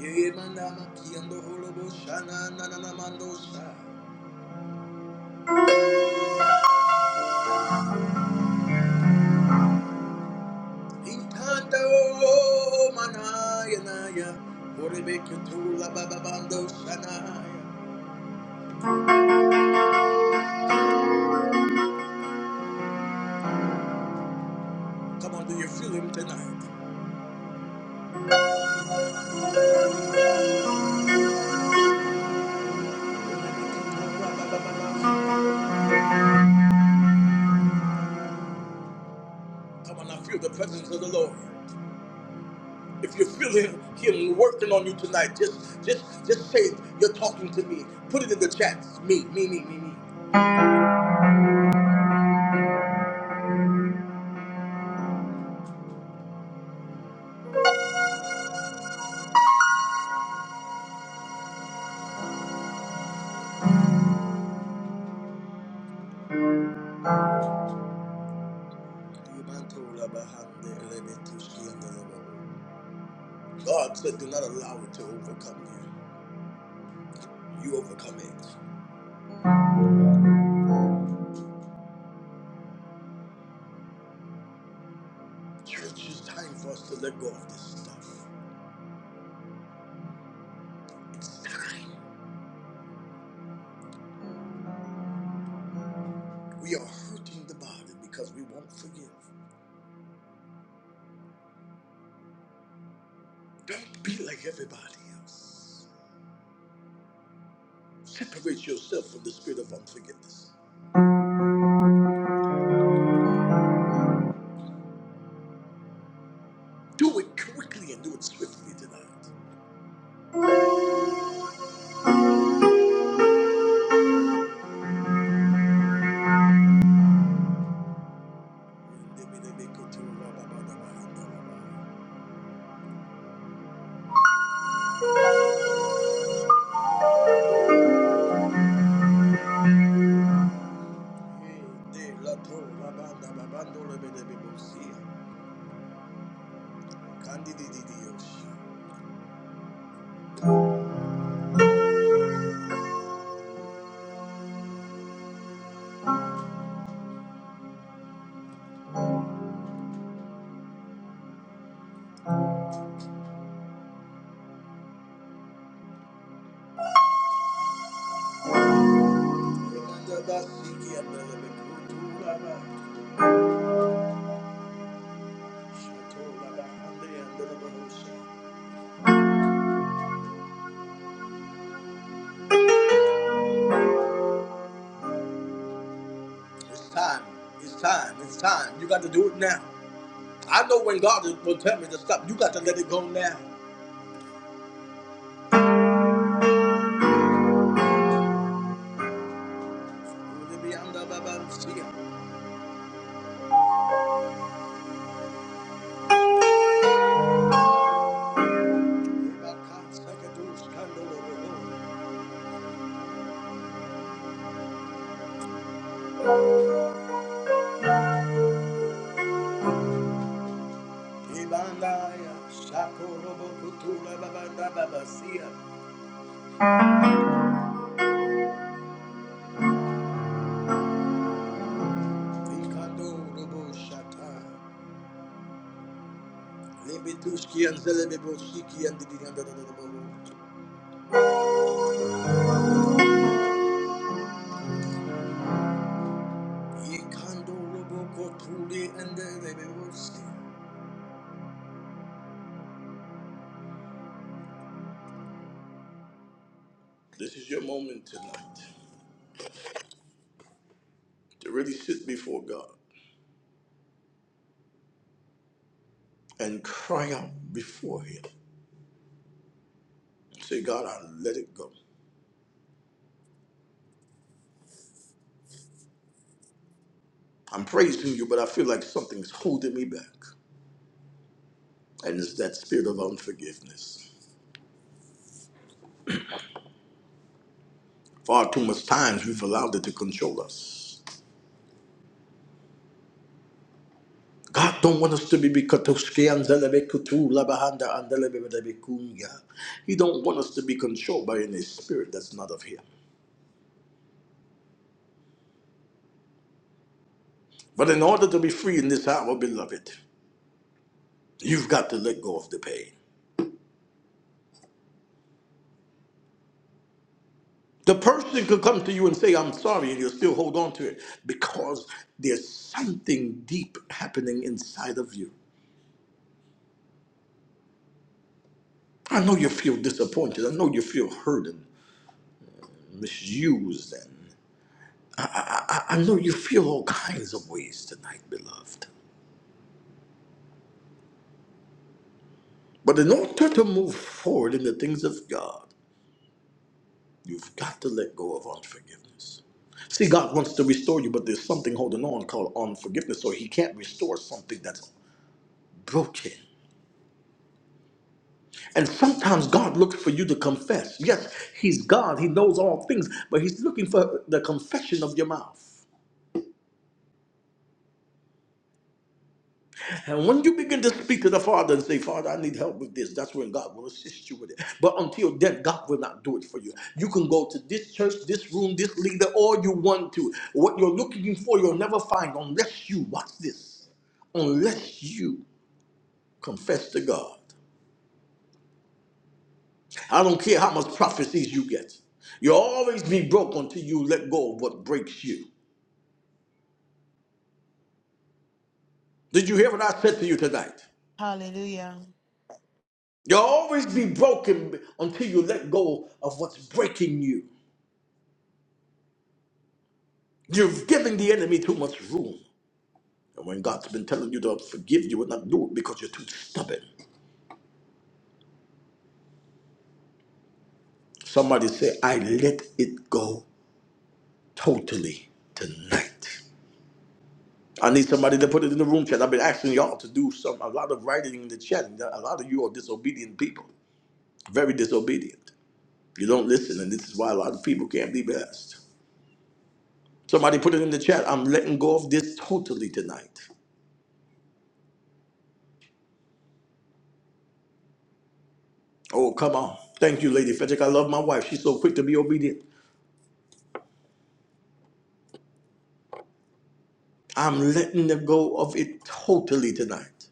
[SPEAKER 1] Eh, Intando manaya shanaya. Come on, do you feel him tonight? Come on, I feel the presence of the Lord. If you feel him, him working on you tonight, just just just say it. You're talking to me. Put it in the chat. Me, me, me, me, me. God said, do not allow it to overcome you. You overcome it. Church, it's time for us to let go of this stuff. It's time. We are hurting the body because we won't forgive. Don't be like everybody else. Separate yourself from the spirit of unforgiveness. Do it quickly and do it swiftly tonight. It's time. It's time. It's time. You got to do it now. I know when God will tell me to stop, you got to let it go now. This is your moment tonight to really sit before God. and cry out before Him. Say, God, I let it go. I'm praising you, but I feel like something's holding me back. And it's that spirit of unforgiveness. Far too much times we've allowed it to control us. God don't want us to be Bikatoski and Labahanda and He don't want us to be controlled by any spirit that's not of Him. But in order to be free in this hour, beloved, you've got to let go of the pain. The person could come to you and say, I'm sorry, and you'll still hold on to it because there's something deep happening inside of you. I know you feel disappointed. I know you feel hurt and misused. And I, I I know you feel all kinds of ways tonight, beloved. But in order to move forward in the things of God, you've got to let go of unforgiveness. See, God wants to restore you, but there's something holding on called unforgiveness, so He can't restore something that's broken. And sometimes God looks for you to confess. Yes, He's God, He knows all things, but He's looking for the confession of your mouth. And when you begin to speak to the Father and say, Father, I need help with this, that's when God will assist you with it. But until then, God will not do it for you. You can go to this church, this room, this leader, all you want to. What you're looking for, you'll never find unless you, watch this, unless you confess to God. I don't care how much prophecies you get. You'll always be broke until you let go of what breaks you. Did you hear what I said to you tonight?
[SPEAKER 2] Hallelujah.
[SPEAKER 1] You'll always be broken until you let go of what's breaking you. You've given the enemy too much room. And when God's been telling you to forgive, you will not do it because you're too stubborn. Somebody say, I let it go totally tonight. I need somebody to put it in the room chat. I've been asking y'all to do some a lot of writing in the chat. and A lot of you are disobedient people, very disobedient. You don't listen, and this is why a lot of people can't be blessed. Somebody put it in the chat. I'm letting go of this totally tonight. Oh, come on. Thank you, Lady Frederick. I love my wife. She's so quick to be obedient. I'm letting them go of it totally tonight.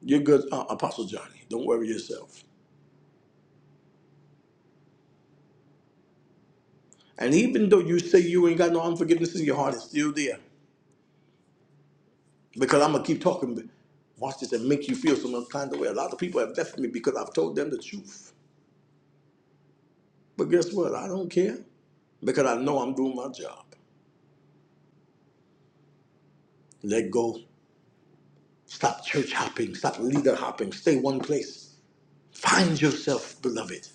[SPEAKER 1] You're good, uh, Apostle Johnny. Don't worry yourself. And even though you say you ain't got no unforgiveness in your heart, it's still there. Because I'm going to keep talking. but Watch this and make you feel some kind of way. A lot of people have left me because I've told them the truth. But guess what? I don't care because I know I'm doing my job. Let go Stop church hopping. Stop leader hopping. Stay one place. Find yourself, beloved.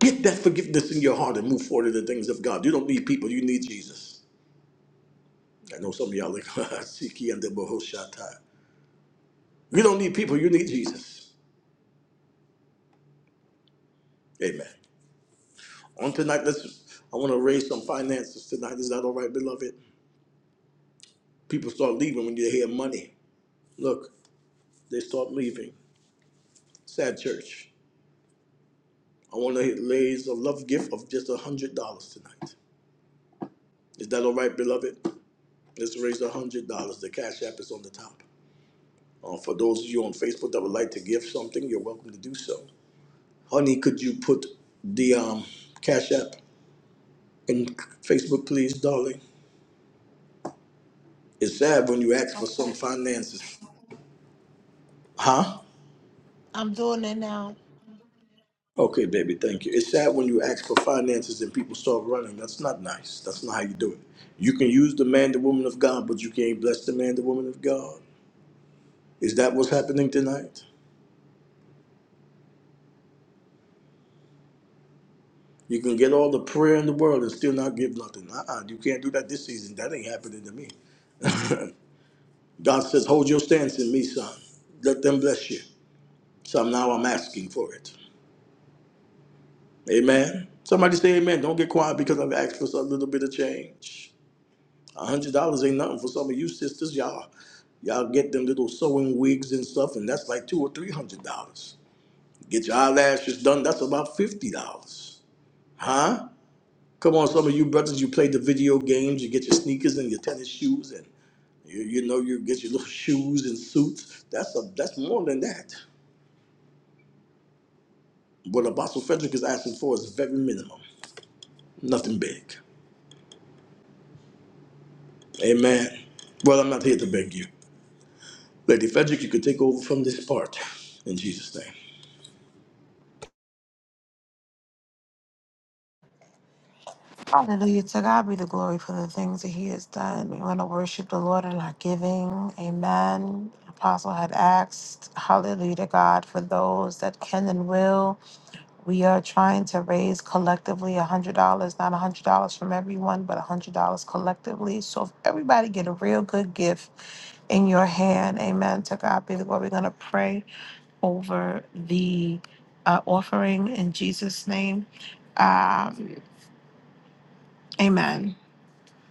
[SPEAKER 1] Get that forgiveness in your heart and move forward to the things of God. You don't need people. You need Jesus. I know some of y'all like, Siki and the Bohoshata. You don't need people. You need Jesus. Amen. On tonight, let's. I want to raise some finances tonight. Is that all right, beloved? People start leaving when you hear money. Look, they start leaving. Sad church. I want to raise a love gift of just a hundred dollars tonight. Is that all right, beloved? Let's raise a hundred dollars. The cash app is on the top. Uh, for those of you on Facebook that would like to give something, you're welcome to do so. Honey, could you put the um, cash app in Facebook, please, darling? It's sad when you ask for
[SPEAKER 2] Okay.
[SPEAKER 1] some finances, huh?
[SPEAKER 2] I'm doing it now.
[SPEAKER 1] Okay, baby, thank you. It's sad when you ask for finances and people start running. That's not nice. That's not how you do it. You can use the man, the woman of God, but you can't bless the man, the woman of God. Is that what's happening tonight? You can get all the prayer in the world and still not give nothing. Uh-uh, you can't do that this season. That ain't happening to me. God says, hold your stance in me, son. Let them bless you. So now I'm asking for it. Amen. Somebody say amen. Don't get quiet because I've asked for a little bit of change. A hundred dollars ain't nothing for some of you sisters. Y'all, y'all get them little sewing wigs and stuff, and that's like two or three hundred dollars. Get your eyelashes done. That's about fifty dollars. Huh? Come on, some of you brothers, you play the video games, you get your sneakers and your tennis shoes, and you, you know you get your little shoes and suits. That's a that's more than that. What Apostle Frederick is asking for is very minimum, nothing big. Amen. Well, I'm not here to beg you, Lady Frederick. You could take over from this part, in Jesus' name.
[SPEAKER 2] Hallelujah. To God be the glory for the things that He has done. We want to worship the Lord in our giving. Amen. Apostle had asked, Hallelujah to God for those that can and will. We are trying to raise collectively $100, not $100 from everyone, but $100 collectively. So if everybody get a real good gift in your hand, amen. To God be the glory. We're going to pray. over the uh, offering in Jesus' name. Um, amen.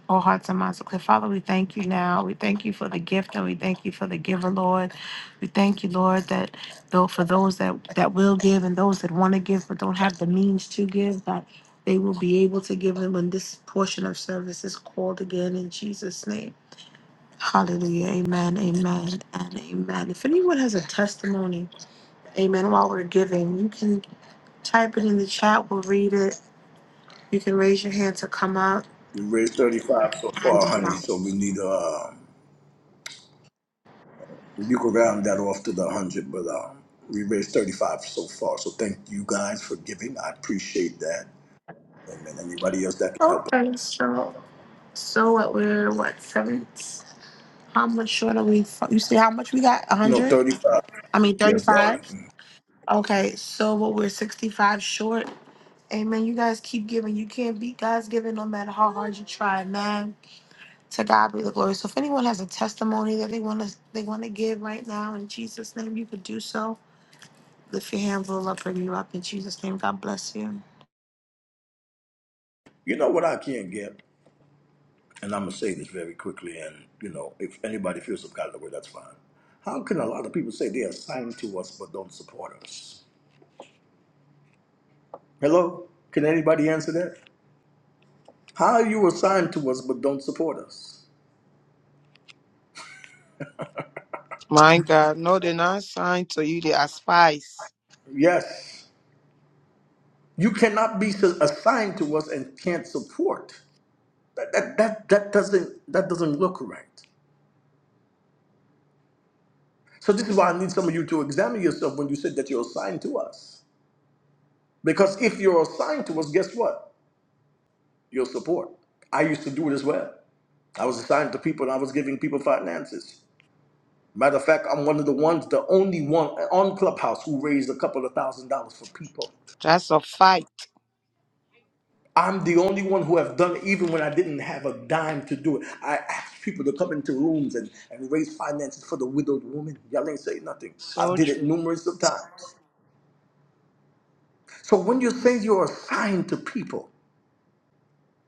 [SPEAKER 2] All hearts and minds are clear. Father, we thank you now. We thank you for the gift and we thank you for the giver, Lord. We thank you, Lord, that though for those that, that will give and those that want to give but don't have the means to give, that they will be able to give them when this portion of service is called again in Jesus' name. Hallelujah. Amen. Amen. And amen. If anyone has a testimony, amen, while we're giving, you can. Type it in the chat. We'll read it. You can raise your hand to come up.
[SPEAKER 1] We raised 35 so
[SPEAKER 2] And
[SPEAKER 1] far, honey,
[SPEAKER 2] um,
[SPEAKER 1] so we need, uh, you can round that off to the 100, but uh, we raised 35 so far. So thank you guys for giving. I appreciate that. Amen. Anybody else that can help? us?
[SPEAKER 2] okay, so so what we're what seven? How much short are we? fro- You see how much we got? A
[SPEAKER 1] No,
[SPEAKER 2] hundred?
[SPEAKER 1] 35.
[SPEAKER 2] I mean
[SPEAKER 1] Yes,
[SPEAKER 2] thirty-five.
[SPEAKER 1] darling.
[SPEAKER 2] Okay, so what we're sixty-five short. Amen. You guys keep giving. You can't beat God's giving no matter how hard you try, man. To God be the glory. So if anyone has a testimony that they want to they want to give right now in Jesus' name, you could do so. Lift your hands, little up, bring you up in Jesus' name. God bless you.
[SPEAKER 1] You know what I can get? And I'm going to say this very quickly, and, you know, if anybody feels some kind of way, that's fine. How can a lot of people say they're assigned to us but don't support us? Hello? Can anybody answer that? How are you assigned to us but don't support us? Yes. You cannot be s- assigned to us and can't support. That, that, that, that, doesn't, that doesn't look right. So this is why I need some of you to examine yourself when you said that you're assigned to us. Because if you're assigned to us, guess what? Your support. I used to do it as well. I was assigned to people and I was giving people finances. Matter of fact, I'm one of the ones, the only one on Clubhouse who raised a couple of thousand dollars for people. I'm the only one who have done it even when I didn't have a dime to do it. I asked people to come into rooms and, and raise finances for the widowed woman. Y'all ain't say nothing. I've did it numerous of times. So when you say you're assigned to people,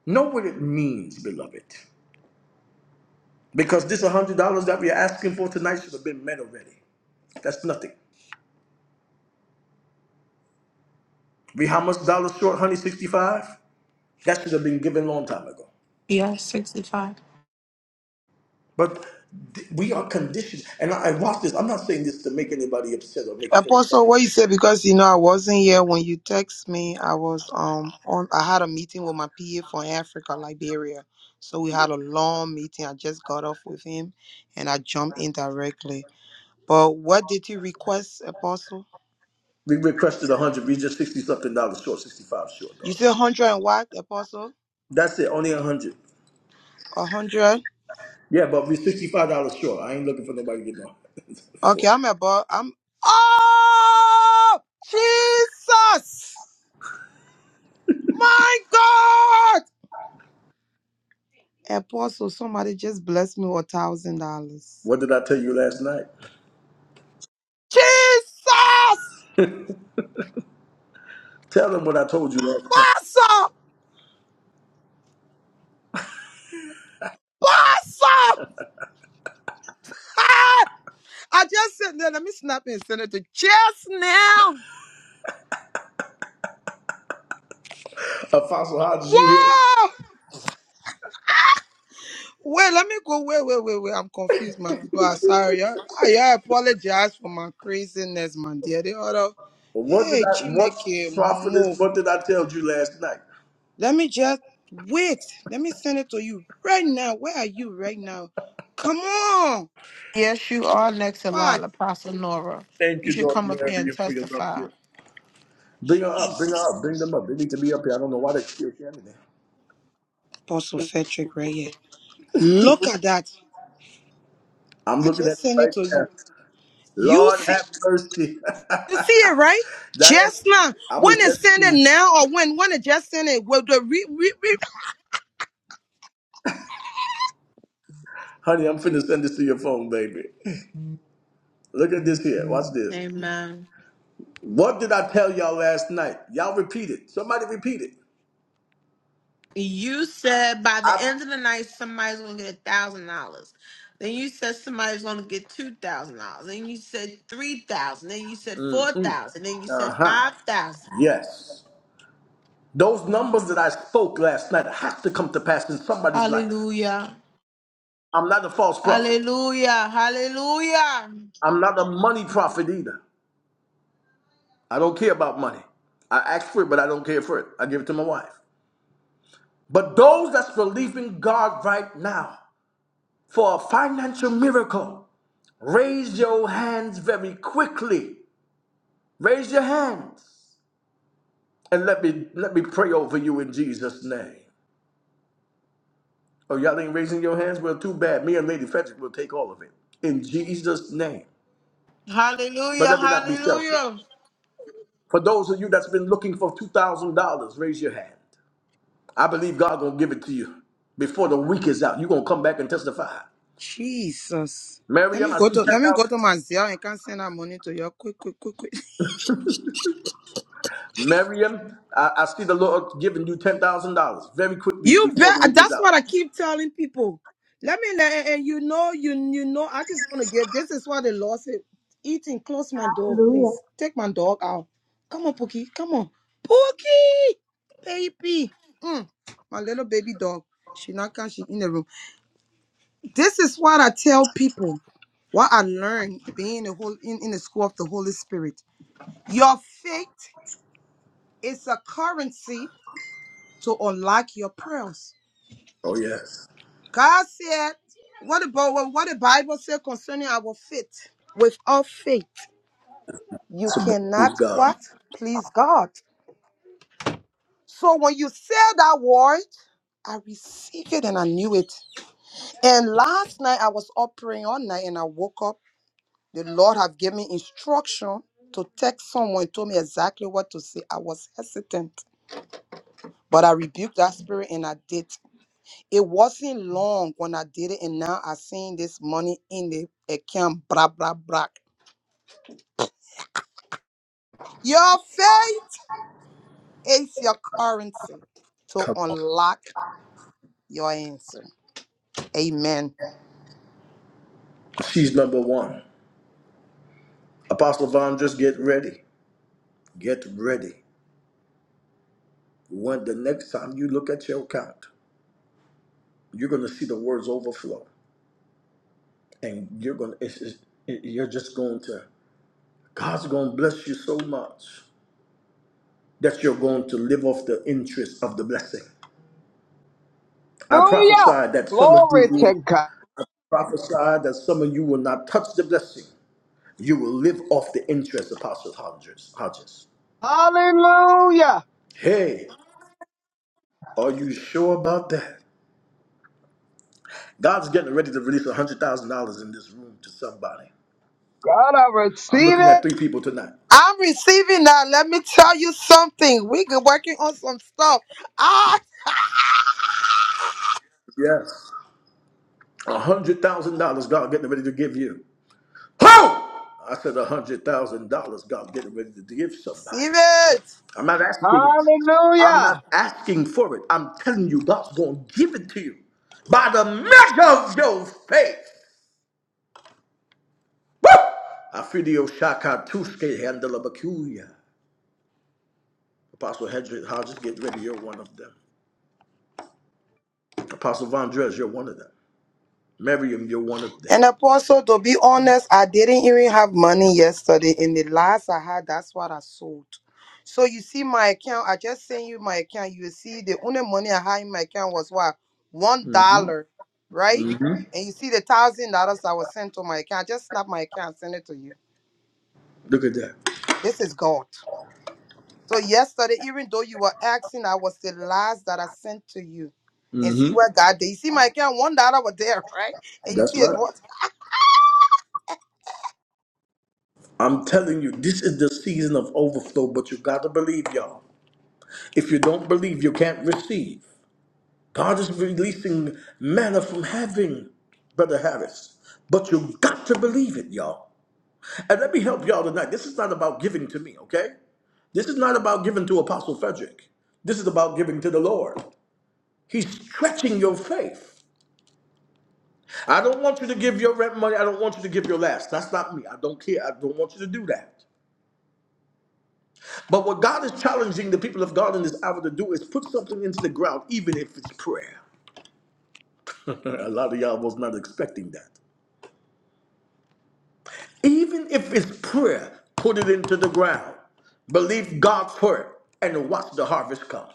[SPEAKER 1] know what it means, beloved. Because this one hundred dollars that we're asking for tonight should have been met already. That's nothing. We how much dollars short? one Hundred sixty-five. That should have been given a long time ago.
[SPEAKER 2] Yes, 65.
[SPEAKER 1] But th- we are conditioned, and I, I watch this. I'm not saying this to make anybody upset or make you feel. Like we requested one hundred. We just sixty something dollars short, sixty-five short, daughter. That's it. Only one hundred. Yeah, but we're sixty-five dollars short. I ain't looking for nobody to get no. what did I tell you last night? Tell them what I told you last night. Apostle Hodges, you here? Well, what did I? What prophetess? What did I tell you last night?
[SPEAKER 2] Yes, you are next in line, Apostle Nora. You should come up here and testify.
[SPEAKER 1] Bring her up. Bring her up. Bring them up. They need to be up here. I don't know why they're still standing there. I'm looking at it right now. Lord have mercy, Diana. I'm gonna send it to you, honey. I'm finna send this to your phone, baby. Look at this here. Watch this.
[SPEAKER 2] Amen.
[SPEAKER 1] What did I tell y'all last night? Y'all repeat it. Somebody repeat it.
[SPEAKER 2] You said by the
[SPEAKER 1] I.
[SPEAKER 2] end of the night somebody's gonna get a thousand dollars. Then you said somebody's gonna get two thousand dollars. Then you said three thousand. Then you said four thousand. Then you
[SPEAKER 1] Uh
[SPEAKER 2] said
[SPEAKER 1] huh.
[SPEAKER 2] five thousand.
[SPEAKER 1] Yes. Those numbers that I spoke last night have to come to pass in somebody's life.
[SPEAKER 2] Hallelujah.
[SPEAKER 1] I'm not a false prophet.
[SPEAKER 2] Hallelujah. Hallelujah.
[SPEAKER 1] I'm not a money prophet either. I don't care about money. I ask for it, but I don't care for it. I give it to my wife. But those that's believing God right now for a financial miracle, raise your hands very quickly. Raise your hands and let me let me pray over you in Jesus' name. Oh, y'all ain't raising your hands? Well, too bad. Me and Lady Frederick will take all of it in Jesus' name. But
[SPEAKER 2] Hallelujah.
[SPEAKER 1] let me not be selfish.
[SPEAKER 2] Hallelujah.
[SPEAKER 1] For those of you that's been looking for two thousand dollars, raise your hand. I believe God gonna give it to you before the week is out. you gonna come back and testify. Miriam, I see ten thousand. Miriam, I, I see the Lord giving you ten thousand dollars very quickly before the week is out.
[SPEAKER 4] Hallelujah.
[SPEAKER 1] Oh yes. So praise God. Come on. She's number one. Apostle Vaughn, just get ready. Get ready. When the next time you look at your account, you're gonna see the words overflow. And you're gonna it's, it's, you're just going to God's gonna bless you so much. that you're going to live off the interest of the blessing. I prophesy
[SPEAKER 5] Hallelujah.
[SPEAKER 1] that some of you
[SPEAKER 5] Glory
[SPEAKER 1] will
[SPEAKER 5] to God.
[SPEAKER 1] prophesy that some of you will not touch the blessing. You will live off the interest, Apostle Hodges. Hodges.
[SPEAKER 5] Hallelujah.
[SPEAKER 1] Hey, are you sure about that? God's getting ready to release $100,000 in this room to somebody.
[SPEAKER 5] God, I
[SPEAKER 1] I'm
[SPEAKER 5] receive
[SPEAKER 1] looking at
[SPEAKER 5] it.
[SPEAKER 1] three people tonight. Yes. $100,000 God getting ready to give you. Ho! I said $100,000 God getting ready to give somebody. I'm not asking. I'm not
[SPEAKER 5] Hallelujah.
[SPEAKER 1] asking for it. I'm telling you, God's gonna give it to you by the measure of your faith. Woo! Afidio Shaka Tuske Handelabakuya. Apostle Hedrick Hodges, get ready. You're one of them. Apostle Von Dres, you're one of them. Miriam, you're one of them. hmm Look at that. hmm That's right. I'm telling you, this is the season of overflow, but you gotta believe, y'all. If you don't believe, you can't receive. God is releasing manna from heaven, Brother Harris. But you got to believe it, y'all. And let me help y'all tonight. This is not about giving to me, okay? This is not about giving to Apostle Frederick. This is about giving to the Lord. He's stretching your faith. I don't want you to give your rent money. I don't want you to give your last. That's not me. I don't care. I don't want you to do that. But what God is challenging the people of God in this hour to do is put something into the ground, even if it's prayer. A lot of y'all was not expecting that. Even if it's prayer, put it into the ground. Believe God's word and watch the harvest come.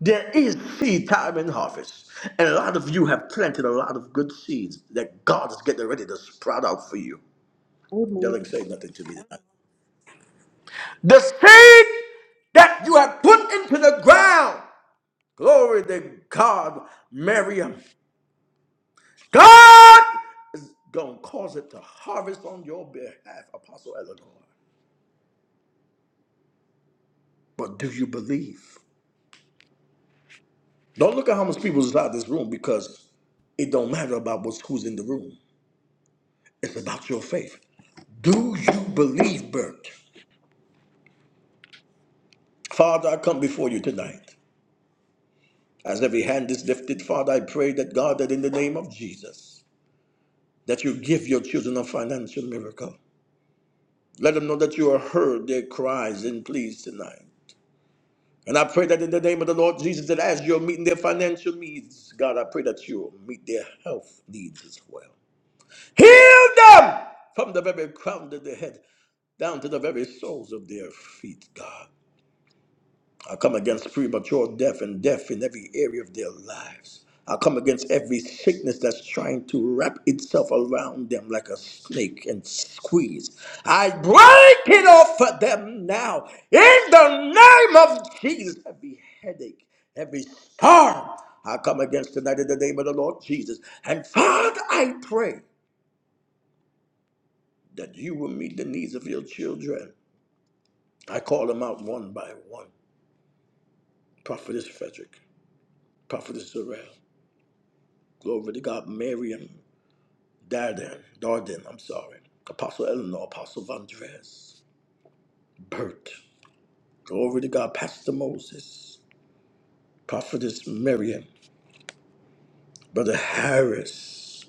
[SPEAKER 1] There is seed time and harvest. And a lot of you have planted a lot of good seeds that God is getting ready to sprout out for you. Doesn't
[SPEAKER 4] Amen.
[SPEAKER 1] say nothing to me tonight. The seed that you have put into the ground. Glory to God, Miriam. God is going to cause it to harvest on your behalf, Apostle Eleanor. But do you believe? Don't look at how much people is out of this room because it don't matter about what's who's in the room. It's about your faith. Do you believe, Bert? Father, I come before you tonight. As every hand is lifted, Father, I pray that God, that in the name of Jesus, that you give your children a financial miracle. Let them know that you have heard their cries and pleas tonight. And I pray that in the name of the Lord Jesus, that as you're meeting their financial needs, God, I pray that you'll meet their health needs as well. Heal them from the very crown of their head down to the very soles of their feet, God. I come against premature death and death in every area of their lives. I come against every sickness that's trying to wrap itself around them like a snake and squeeze. I break it off of them now in the name of Jesus. Every headache, every storm, I come against tonight in the name of the Lord Jesus. And Father, I pray. that you will meet the needs of your children. I call them out one by one. Prophetess Frederick, Prophetess Sorrell, glory to God, Miriam, Darden, Darden, I'm sorry, Apostle Eleanor, Apostle Vondres, Bert, glory to God, Pastor Moses, Prophetess Miriam, Brother Harris,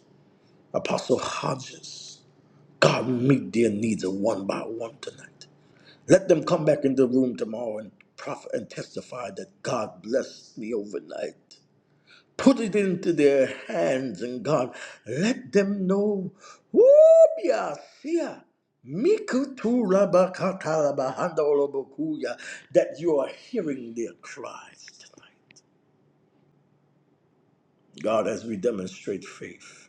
[SPEAKER 1] Apostle Hodges. God, meet their needs of one by one tonight. Let them come back in the room tomorrow and prophet and testify that God blessed me overnight. put it into their hands, and God, let them know, bia sia, mikutu rabakatalabahanda that you are hearing their cries tonight. God, as we demonstrate faith,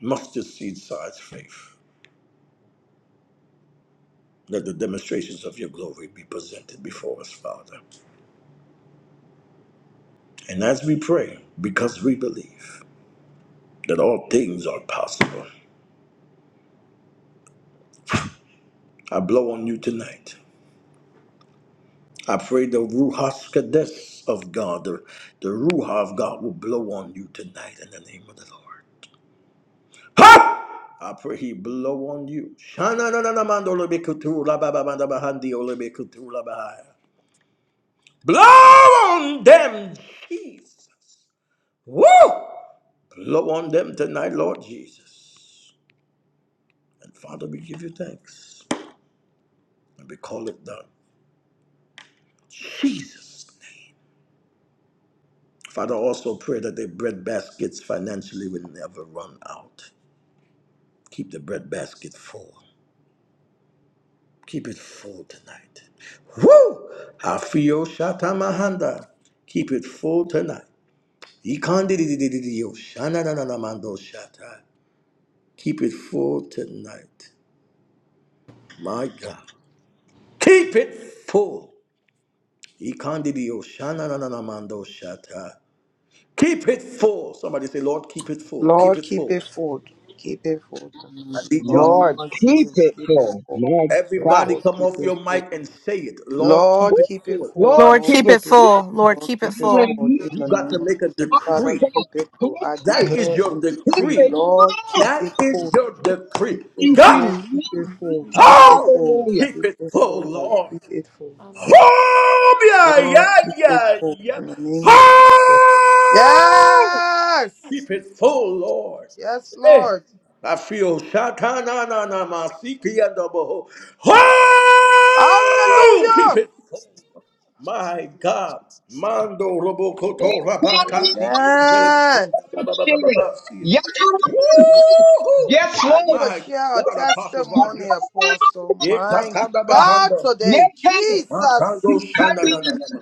[SPEAKER 1] mustard seed size faith. Let the demonstrations of your glory be presented before us, Father. And as we pray, because we believe that all things are possible, I blow on you tonight I pray the Ruach Kadesh of God, the, the Ruach of God will blow on you tonight in the name of the Lord. Ha! I pray he blow on you. Shana na na na mando lebe kutu la ba ba ba da ba handi o lebe kutu la ba ha. Blow on them, Jesus. Woo! Blow on them tonight, Lord Jesus. And Father, we give you thanks. And we call it done. Jesus. Father, also pray that their bread baskets financially will never run out. Keep the breadbasket full. Keep it full tonight. Woo! Afio Shatamahanda. Keep it full tonight. Ikandididididio shanananamando shata. Keep it full tonight. My God. Keep it full. Ikandidio shanananamando shata. Keep it full. Somebody say, Lord, keep it full. Keep it full. I need y'all.
[SPEAKER 5] Lord, keep it full. My God.
[SPEAKER 1] Everybody come off your mic and say it. Lord, keep it full.
[SPEAKER 5] Lord,
[SPEAKER 6] Lord,
[SPEAKER 5] keep
[SPEAKER 6] keep
[SPEAKER 5] it.
[SPEAKER 6] it full. Lord, keep it full.
[SPEAKER 5] Hallelujah.
[SPEAKER 1] You got to make a decree.
[SPEAKER 5] Glory.
[SPEAKER 1] That is your
[SPEAKER 5] Keep it
[SPEAKER 1] decree.
[SPEAKER 5] full.
[SPEAKER 1] That is your decree.
[SPEAKER 5] Thank
[SPEAKER 1] God,
[SPEAKER 5] you.
[SPEAKER 1] hold!
[SPEAKER 5] Hallelujah.
[SPEAKER 1] Keep it full, Lord. Hold! Yeah, yeah, yeah, yeah. Hold! Keep it full, Lord. Eh. I feel Shatana na na masiki and the Hold! Keep it full. My God. Mando robokoto rabakasiki anzelikunda bababababasi.
[SPEAKER 5] Yes, Lord.
[SPEAKER 1] Woo!
[SPEAKER 5] Yes, Lord.
[SPEAKER 1] My God, Apostle Vondress. Ekatanda bahanda.
[SPEAKER 5] Yes, Lord.
[SPEAKER 1] Makando shanda na na na.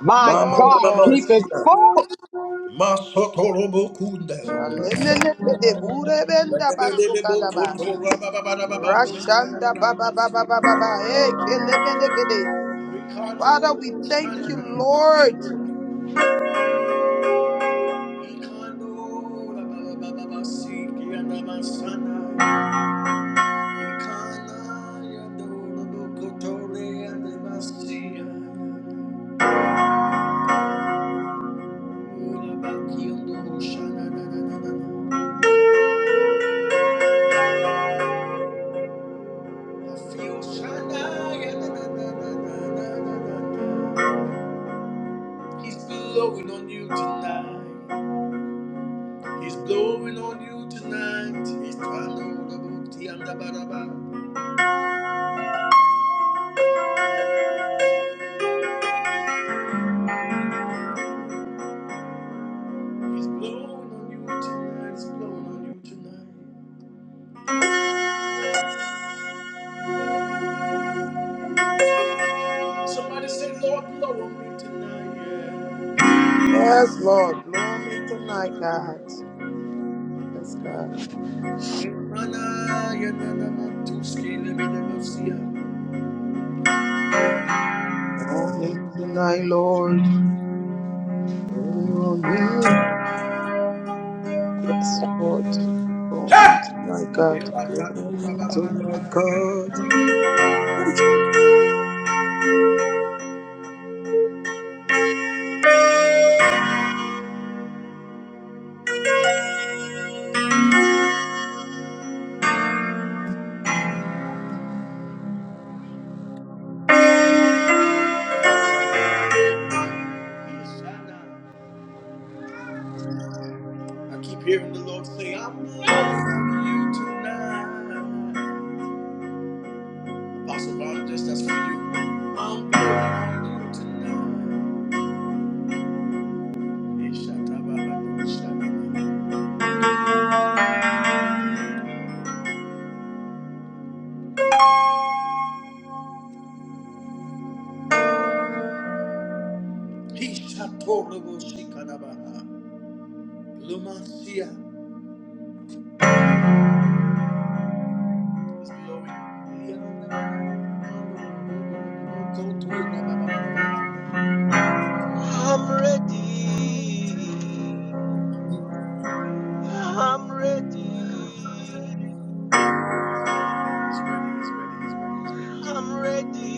[SPEAKER 5] My
[SPEAKER 1] Mama
[SPEAKER 5] God,
[SPEAKER 1] mama
[SPEAKER 5] keep it
[SPEAKER 1] usia.
[SPEAKER 5] full.
[SPEAKER 1] Masoto robokunda. Lebebebe bokoto rabababababando shanda na na na. Rikando shanda na na na. Ikando rabababababasiki anamashanda. He's blowing on you tonight. He's blowing on you tonight. He's blowing on you tonight. He's blowing on you tonight. Somebody say, Lord, blow on me tonight. yeah. I keep hearing the Lord say, I'm moving on you tonight. Apostle Ron, just that's for you. I'm moving on you tonight.
[SPEAKER 7] I'm ready. I'm ready. I'm ready.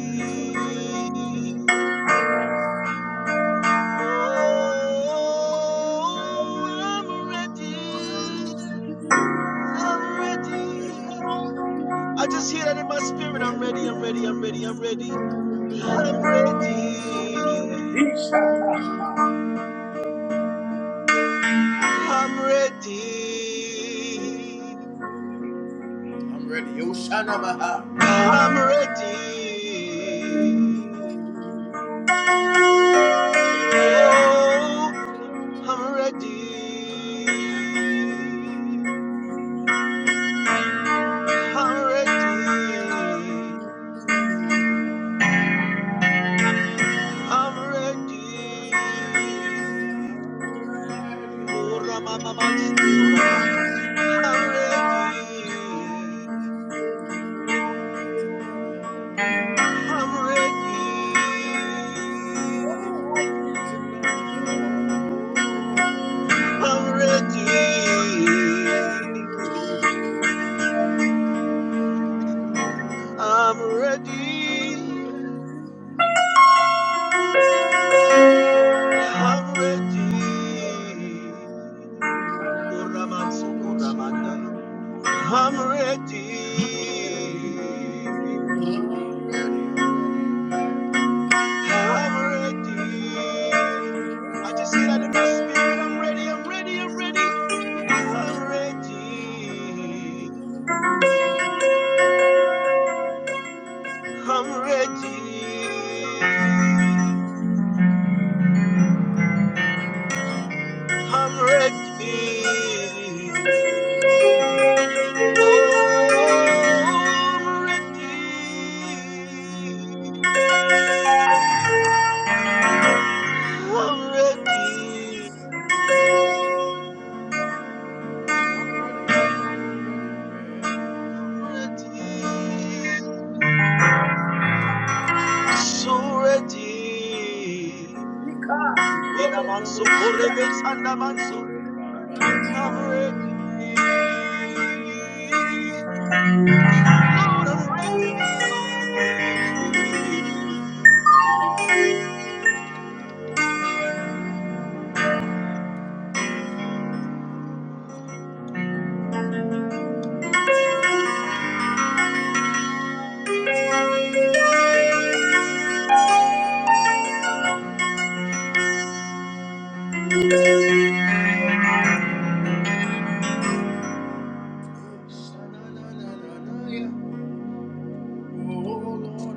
[SPEAKER 7] Oh, I'm ready. I'm ready. I just hear that in my spirit. I'm ready. I'm ready. I'm ready. I'm ready. I'm ready. I'm ready.
[SPEAKER 1] I'm ready.
[SPEAKER 7] I'm ready. Oh. I'm ready. I'm ready. I'm ready. Oh, Ramamaman, Ramanda. I'm ready. I'm ready. I'm ready. I'm ready. I'm ready. Oh, Raman, Ramanda. I'm ready. I'm ready. I just hear that in my spirit. I'm ready. I'm ready. I'm ready. I'm ready. I'm ready. I'm ready. Oh, I'm ready. I'm ready. I'm ready. Suredi inamanso korebet andamanso. I'm ready. Lord, I'm ready.
[SPEAKER 1] Sha-na-na-na-na-na-ya. Oh Lord, I'm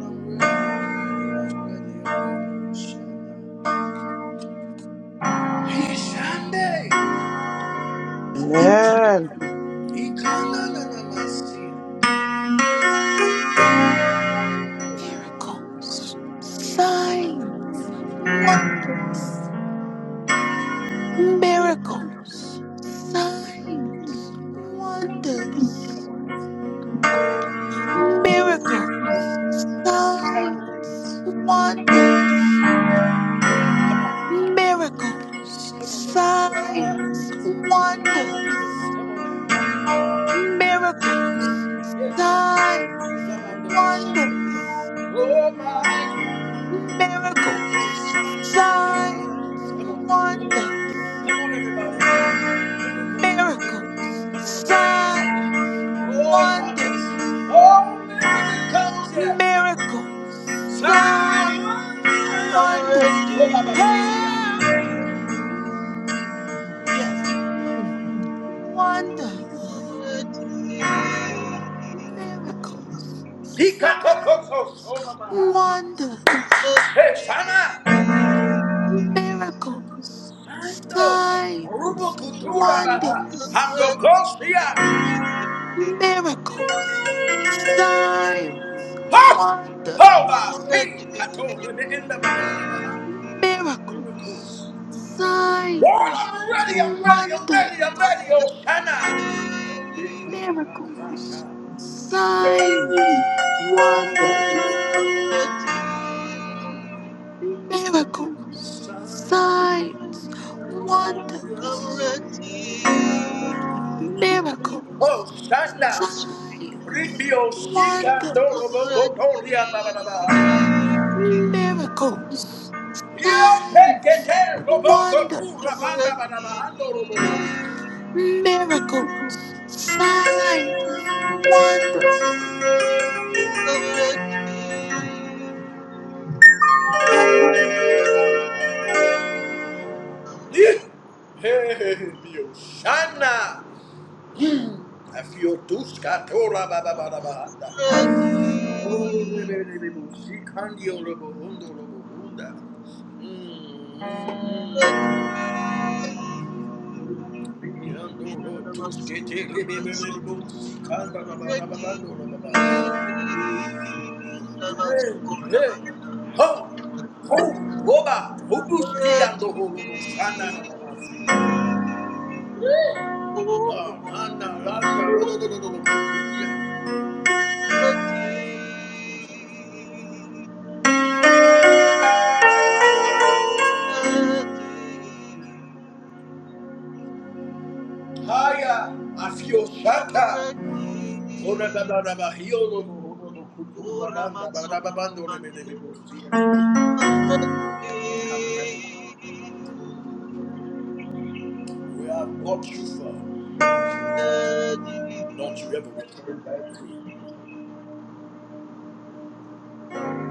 [SPEAKER 2] Miracles, signs. wonders, miracles, signs, wonders, miracles, signs, wonders, miracles,
[SPEAKER 1] Come on, Come on.
[SPEAKER 2] signs, wonders, miracles,
[SPEAKER 1] Yeah.
[SPEAKER 2] signs,
[SPEAKER 1] Oh
[SPEAKER 2] wonders, miracles, signs,
[SPEAKER 1] Come on.
[SPEAKER 2] wonders,
[SPEAKER 1] everybody. Miracles, miracles.
[SPEAKER 2] miracles, signs,
[SPEAKER 1] Oh,
[SPEAKER 2] wonders,
[SPEAKER 1] wonders. Oh, miracles. Yeah.
[SPEAKER 2] miracles,
[SPEAKER 1] Miracles.
[SPEAKER 2] signs.
[SPEAKER 7] I'm ready. I'm ready.
[SPEAKER 2] wonders. Ah, mm, Yes. Mm, Wonders, miracles, sign, wonder, miracle, sign, wonders,
[SPEAKER 7] Ready. Ready.
[SPEAKER 2] miracles, signs, wonder,
[SPEAKER 7] I'm ready.
[SPEAKER 2] miracles, sign,
[SPEAKER 1] I'm ready, I'm ready, I'm
[SPEAKER 2] wonder,
[SPEAKER 1] ready, I'm
[SPEAKER 7] I'm
[SPEAKER 1] ready,
[SPEAKER 7] ready.
[SPEAKER 1] Hosanna.
[SPEAKER 2] miracles, signs, wonders.
[SPEAKER 7] I'm
[SPEAKER 2] miracles, signs,
[SPEAKER 7] I'm
[SPEAKER 2] wonders,
[SPEAKER 7] ready.
[SPEAKER 2] miracles,
[SPEAKER 1] Hosanna.
[SPEAKER 2] signs,
[SPEAKER 1] Ribio Shika
[SPEAKER 2] wonders,
[SPEAKER 1] Dorobo Kotoria
[SPEAKER 2] miracles, signs,
[SPEAKER 1] Yopekete roboko tu
[SPEAKER 2] wonders,
[SPEAKER 1] rabanda barabahando robo.
[SPEAKER 2] miracles, signs, wonders. Hallelujah.
[SPEAKER 1] Ih, hey, hey, hey, mio shana. Hmm, afiotuska tora bababarabahanda. Oh, rebelebebo, sikandio robo hundo robo hunda. Hmm, hmm. Biyando
[SPEAKER 7] I'm
[SPEAKER 1] ro tuskete
[SPEAKER 7] ready.
[SPEAKER 1] lebebelebo, sikanda
[SPEAKER 7] I'm ready.
[SPEAKER 1] rabarababando robaba.
[SPEAKER 7] Oh,
[SPEAKER 1] Hey,
[SPEAKER 7] Raman
[SPEAKER 1] hey, ho, ho, boba, hubuski ando horobo, shana na na si. Haya, afio shata. Ora, ba, ba, ba,
[SPEAKER 7] Sokoramani.
[SPEAKER 1] si.
[SPEAKER 7] I'm ready.
[SPEAKER 1] I'm ready. Where I've brought you from,
[SPEAKER 7] Ready.
[SPEAKER 1] don't you ever return back to me.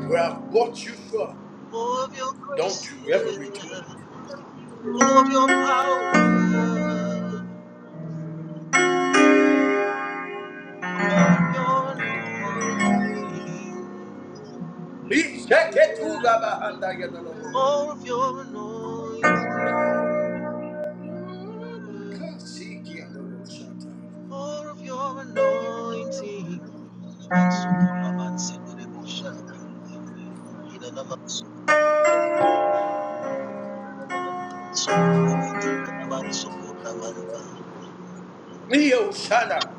[SPEAKER 1] Where I've brought you from,
[SPEAKER 7] More of your
[SPEAKER 1] don't
[SPEAKER 7] grace.
[SPEAKER 1] you ever
[SPEAKER 7] yeah.
[SPEAKER 1] return.
[SPEAKER 7] of your power, of your anointing,
[SPEAKER 1] Please check it to Rabahanda Yadalabo.
[SPEAKER 7] more of your anointing, more of your anointing.
[SPEAKER 1] Neo Shana.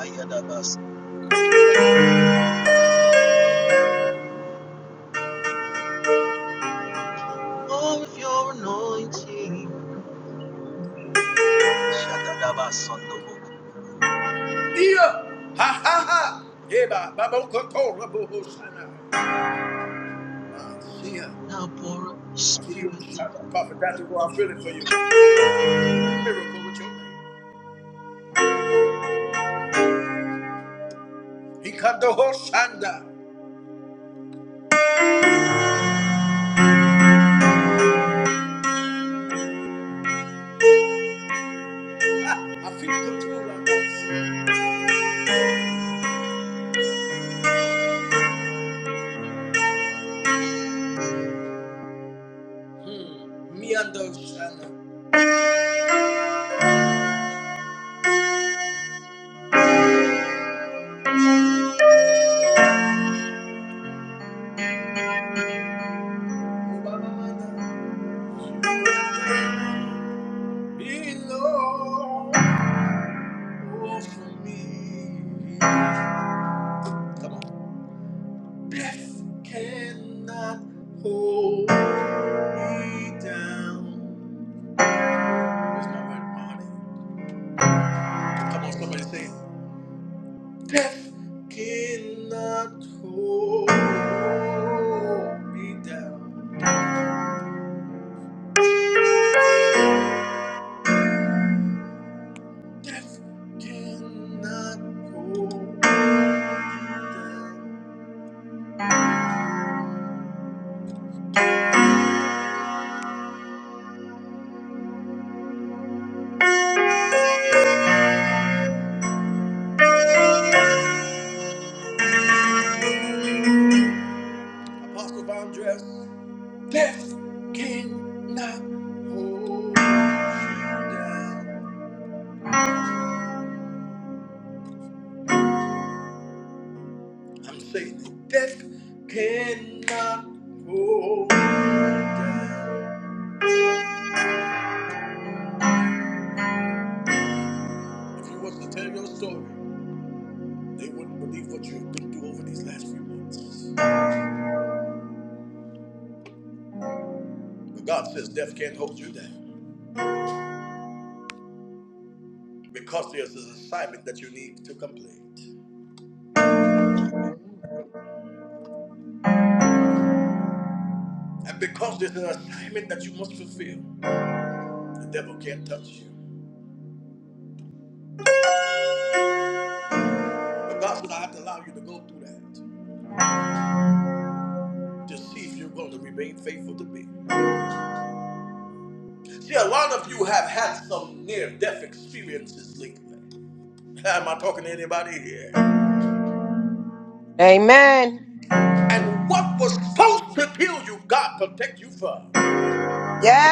[SPEAKER 7] Idana More of your anointing. Shatadabasandobo.
[SPEAKER 1] Neo. Ha ha ha. Eba babokoto raboho shana.
[SPEAKER 7] Now pour up your
[SPEAKER 1] I feel the
[SPEAKER 7] spirit.
[SPEAKER 1] Shana. Prophet Dr. Go, I feel it for you. Miracle with your name. He cut the whole Shanda. Ah, I feel it too. Rabosi. Hmm. Me and the Shana. Below for me. Come on. Death cannot hold me down. Where's my word? my honey? Come on, somebody say it. Death cannot hold me down. Cannot hold. Apostle Von Dress. Death cannot hold you down. I'm saying it. Death cannot hold. If you was to tell your story, they wouldn't believe what you've been through over these last few months. But God says death can't hold you down. Because there's an assignment that you need to complete. And because there's an assignment that you must fulfill, the devil can't touch you. But God said, I have to allow you to go through that to see if you're going to remain faithful to me. See, a lot of you have had some near death experiences lately. Am I talking to anybody here?
[SPEAKER 8] Amen.
[SPEAKER 1] And what was supposed to kill you, God protect you from.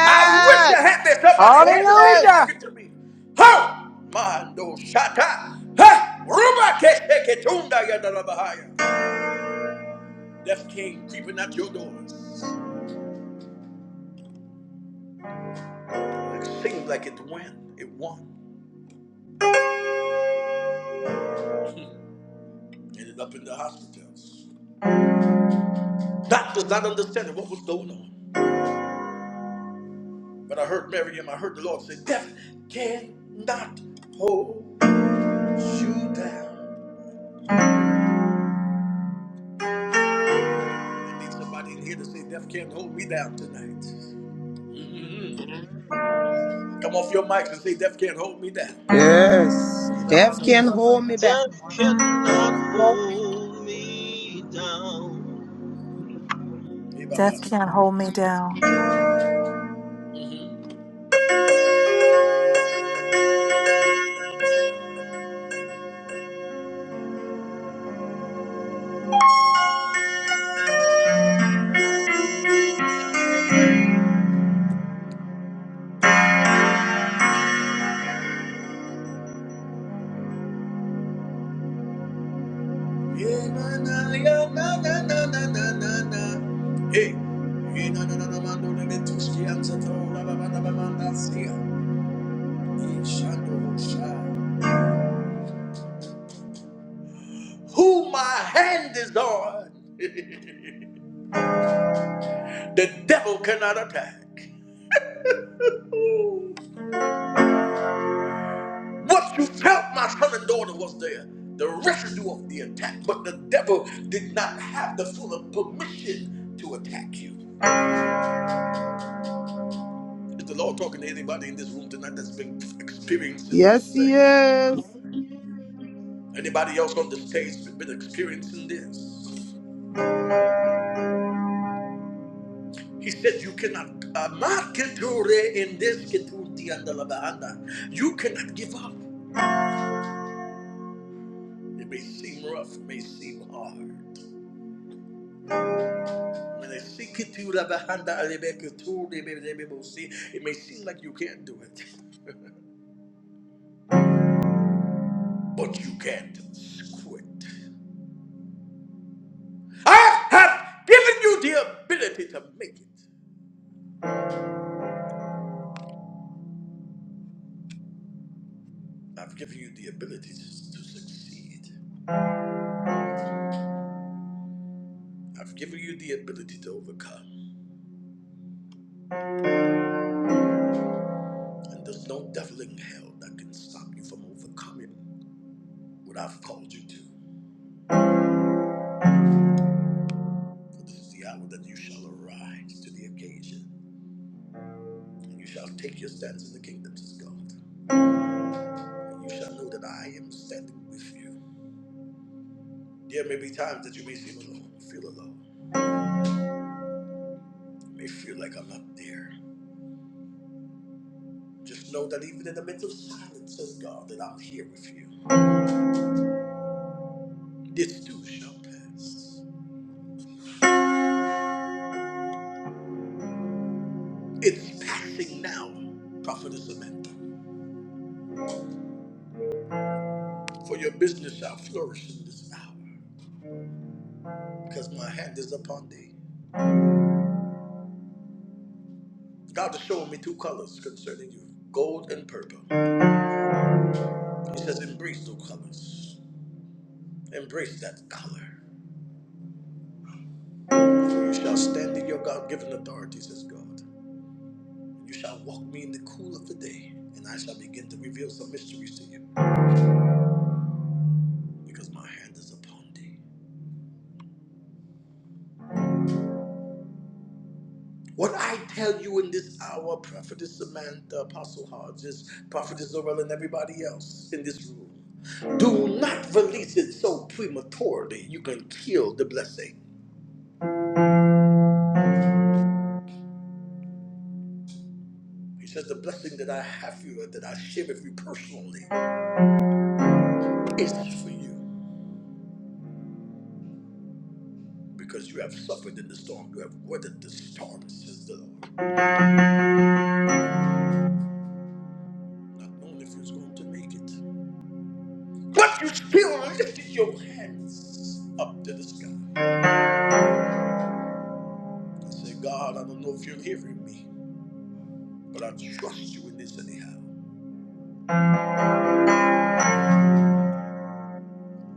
[SPEAKER 1] I wish I had that somebody here to say you're
[SPEAKER 8] Hallelujah.
[SPEAKER 1] talking to me. Ho! Mando shata. Ha! Ruba keshe ketunda yadarabahaya. Death came creeping at your doors. It seemed like it won. It won. Hmm. Ended up in the hospitals. Doctors not understanding what was going on. But I heard Miriam, I heard the Lord say, Death cannot hold you down. I need somebody in here to say, Death can't hold me down tonight. Come off your mics and say, Death can't hold me down. Hey, Baba. Hey,
[SPEAKER 7] Death cannot
[SPEAKER 4] Yes.
[SPEAKER 7] hold me down.
[SPEAKER 6] Death can't hold me down.
[SPEAKER 1] na, na, na, na, na, na, na, na. Hey. Hey, na, na, na, na, man, na, na, Who my hand is on, the devil cannot attack. What you felt, my son and daughter, was there. The residue of the attack, but the devil did not have the full of permission to attack you. Is the Lord talking to anybody in this room tonight that's been experiencing this thing? Anybody else on the stage been experiencing this? He said, You cannot, uh, ma keture in this ketuti and the labahanda. you cannot give up. It may seem rough, it may seem hard. When they see ketu labahanda, alebe ketu, lebe- lebe bosi, It may seem like you can't do it, but you can't quit. I have given you the ability to make it. I've given you the ability to succeed. I've given you the ability to overcome. And there's no devil in hell that can stop you from overcoming what I've called you to. For this is the hour that you shall arise to the occasion, and you shall take your stance in the kingdoms of God, and you shall know that I am standing with you. There may be times that you may seem alone, feel alone, you may feel like I'm not there. Just know that even in the midst of silence, says God, that I'm here with you. This too shall pass. It's passing now, Prophetess Samantha, for your business shall flourish in this hour. because my hand is upon thee. God is showing me two colors concerning you gold and purple. He says, Embrace those colors. Embrace that color. For you shall stand in your God given authority, says God. You shall walk me in the cool of the day, and I shall begin to reveal some mysteries to you because my hand is upon thee. What I tell you in this hour, Prophetess Samantha, Apostle Hodges, Prophetess Zorel, and everybody else in this room, do not release it so prematurely you can kill the blessing. He says, The blessing that I have for you and that I share with you personally is for you because you have suffered in the storm. You have weathered the storm, says the Lord, not knowing if you're going to make it. But you still lifted your hands up to the sky. I say, God, I don't know if you're hearing me. But I trust you in this anyhow.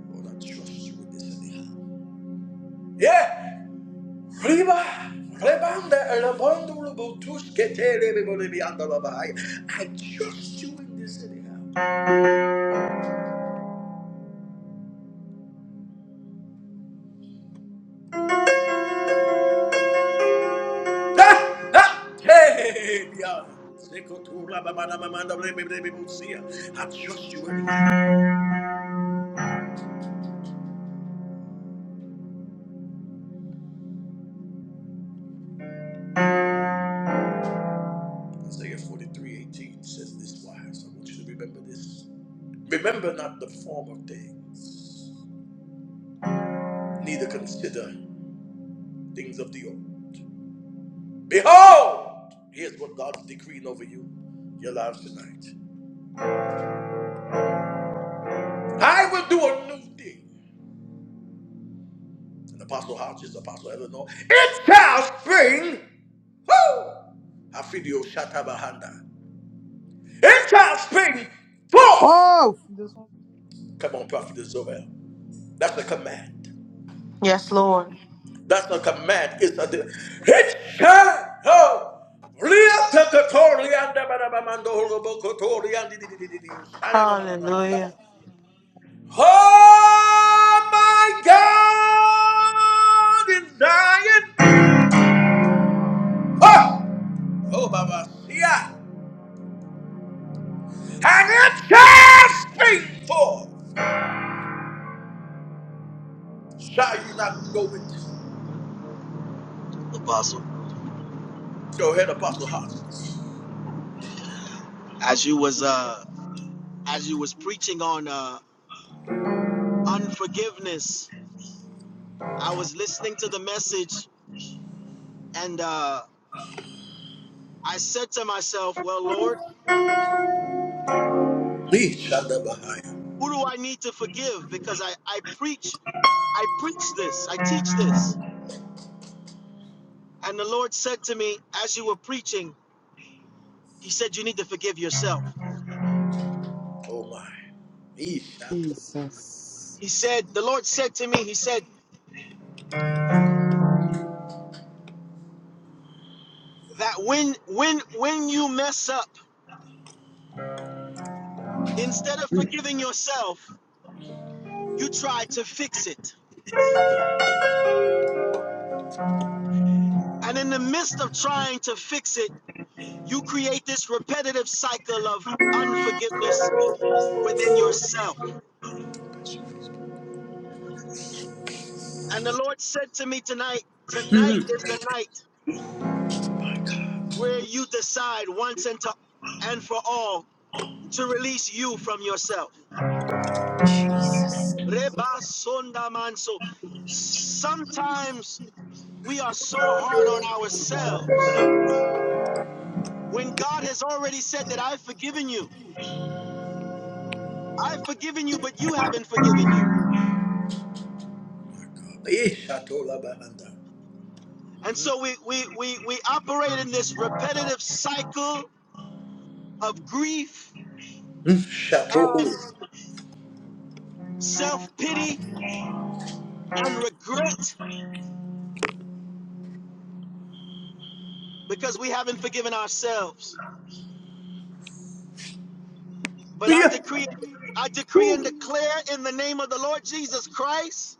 [SPEAKER 1] Lord, I trust you in this anyhow. Yeah! Riba! Rebanda, elabando, lobotus, ketere, bebelebi, andalabai. I trust you in this anyhow. Ah! Ah! Hey! Biana. Sekotura, babana, mamanda, bebelebi, busia. I trust you anyhow. Isaiah 43:18 says this wise. I want you to remember this. Remember not the former things, neither consider things of the old. Behold, here's what God's decreeing over you, your lives tonight. I will do a new thing. And Apostle Hodges, Apostle Eleanor, it shall spring. Woo! Hafidio Shatabahanda. It shall spring forth. Come on, Prophet Zobel. That's a command.
[SPEAKER 2] Yes, Lord.
[SPEAKER 1] That's a command. It's a de- it shall oh, Liatakatorianda barabamando holobokotoriandi di di di di di di di di- di- di- di- di- di- di- di-
[SPEAKER 2] Hallelujah.
[SPEAKER 1] di- Oh my God in dying. Oh, oh Baba, yeah. And it shall spring forth. Shall you not go into?
[SPEAKER 7] Apostle,
[SPEAKER 1] Go ahead, Apostle Hopkins.
[SPEAKER 7] as you was uh as you was preaching on uh unforgiveness, I was listening to the message and uh I said to myself, Well Lord,
[SPEAKER 1] Me shall never hire.
[SPEAKER 7] who do I need to forgive? Because I, I preach I preach this, I teach this. And the Lord said to me as you were preaching, He said you need to forgive yourself.
[SPEAKER 1] Oh my. Me shall to-
[SPEAKER 7] He said the Lord said to me, he said that when when when you mess up, instead of forgiving yourself, you try to fix it. And in the midst of trying to fix it, you create this repetitive cycle of unforgiveness within yourself. And the Lord said to me tonight, tonight is the night where you decide once and to and for all to release you from yourself Reba sonda manso. Sometimes we are so hard on ourselves when God has already said that I've forgiven you. I've forgiven you, but you haven't forgiven you.
[SPEAKER 1] me shall to la bahanda.
[SPEAKER 7] And so we we we, we operate in this repetitive cycle of grief
[SPEAKER 1] Hmm, shall to ho.
[SPEAKER 7] and self-pity and regret because we haven't forgiven ourselves. But I
[SPEAKER 1] Yeah.
[SPEAKER 7] decree I decree and declare in the name of the Lord Jesus Christ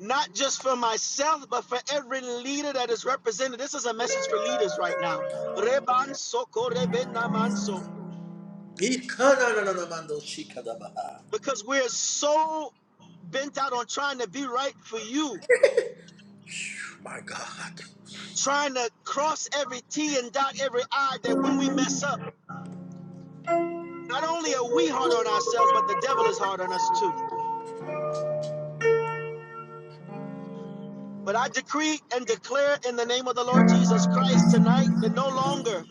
[SPEAKER 7] not just for myself, but for every leader that is represented. This is a message for leaders right now.
[SPEAKER 1] Me kana na na na mando shika da baha.
[SPEAKER 7] Because we're so bent out on trying to be right for you,
[SPEAKER 1] Phew, My God.
[SPEAKER 7] trying to cross every T and dot every I, that when we mess up, not only are we hard on ourselves, but the devil is hard on us too. But I decree and declare in the name of the Lord Jesus Christ tonight that no longer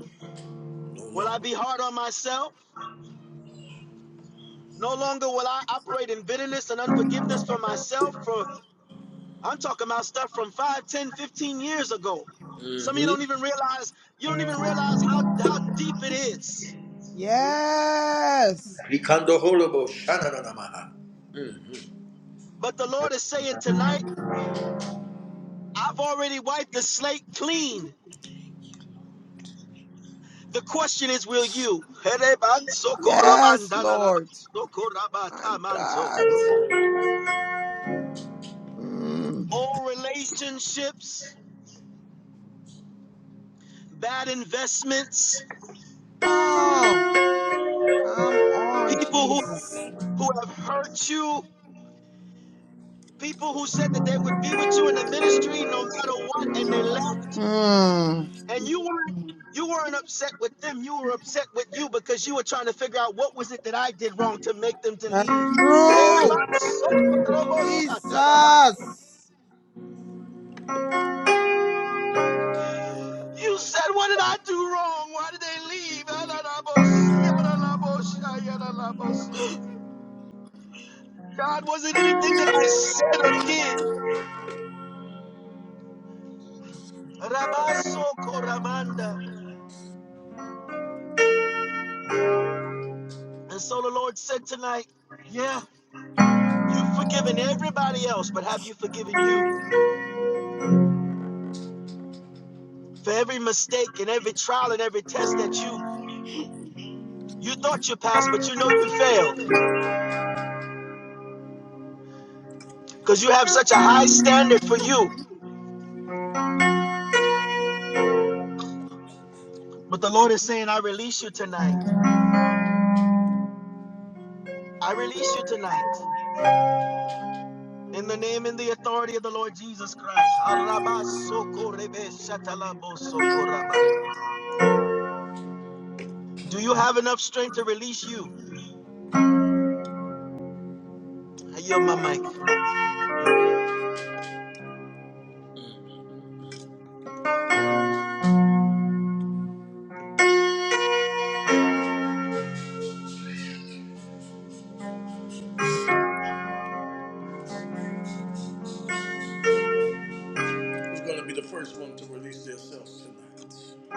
[SPEAKER 1] No
[SPEAKER 7] will I
[SPEAKER 1] longer.
[SPEAKER 7] be hard on myself. No longer will I operate in bitterness and unforgiveness for myself. For I'm talking about stuff from 5, 10, 15 years ago. Some of you
[SPEAKER 1] Mm-hmm.
[SPEAKER 7] don't even realize, you don't even realize how, how deep it is.
[SPEAKER 1] Rikando holobo shananamaha. Mhm.
[SPEAKER 7] But the Lord is saying tonight, I've already wiped the slate clean. The question is, will you? Old relationships, bad investments, people who, who have hurt you, People who said that they would be with you in the ministry no matter what, and they left, and you weren't you weren't upset with them. You were upset with you because you were trying to figure out what was it that I did wrong to make them to leave. You said, What did I do wrong? Why did they leave? God, was it anything that I said or did? And so the Lord said tonight, "Yeah." You've forgiven everybody else, but have you forgiven you for every mistake and every trial and every test that you you thought you passed, but you know you failed because you have such a high standard for you. But the Lord is saying, I release you tonight. I release you tonight. In the name and the authority of the Lord Jesus Christ. Araba soko rebe shatalabo soko raba. Do you have enough strength to release you? I yield my mic.
[SPEAKER 1] Who's going to be the first one to release themselves tonight?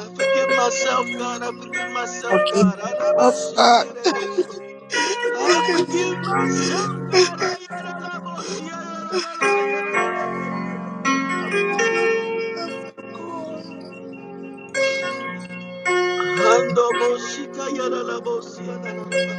[SPEAKER 7] I forgive myself, God. I forgive myself, God. Araba shekerebo I forgive myself, God. I yadalabosi, yadalalala, yadalalabo. Hando boshika, yadalabosi, yadalalaba.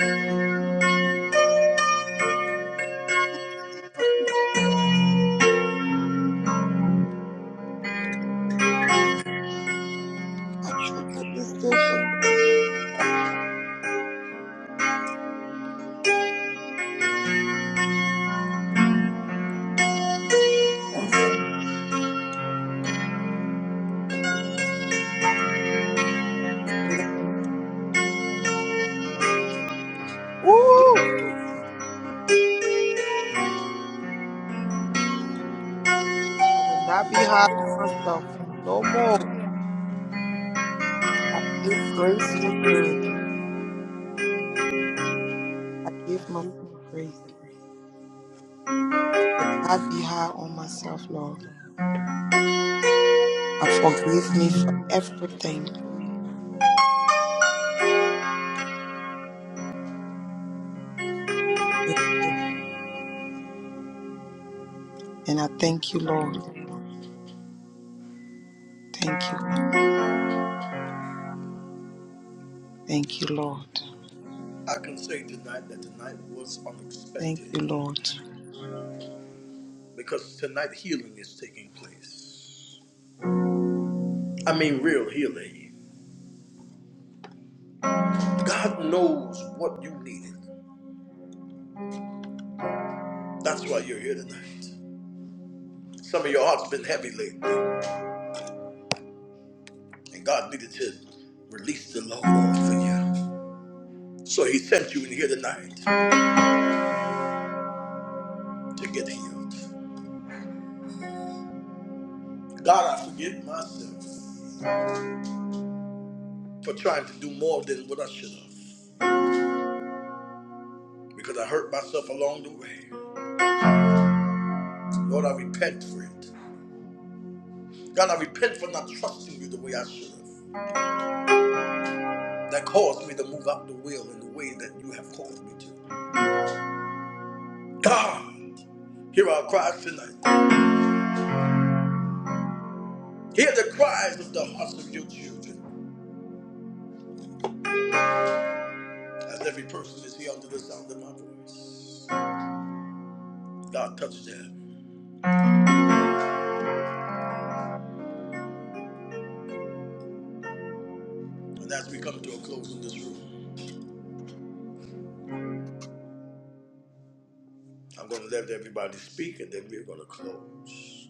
[SPEAKER 1] I can say tonight that tonight was unexpected because tonight healing is taking place. I mean, real healing. God knows what you needed. That's why you're here tonight. Some of your heart's been heavy lately, and God needed to release the load off of you. So He sent you in here tonight to get healed. God, I forget myself. for trying to do more than what I should have because I hurt myself along the way. Lord, I repent for it. God, I repent for not trusting you the way I should have. That caused me to move out the will in the way that you have called me to. God, hear our cries tonight. Hear the cries of the hearts of your children as every person is here under the sound of my voice. God, touch them. And as we come to a close in this room, I'm going to let everybody speak and then we're going to close.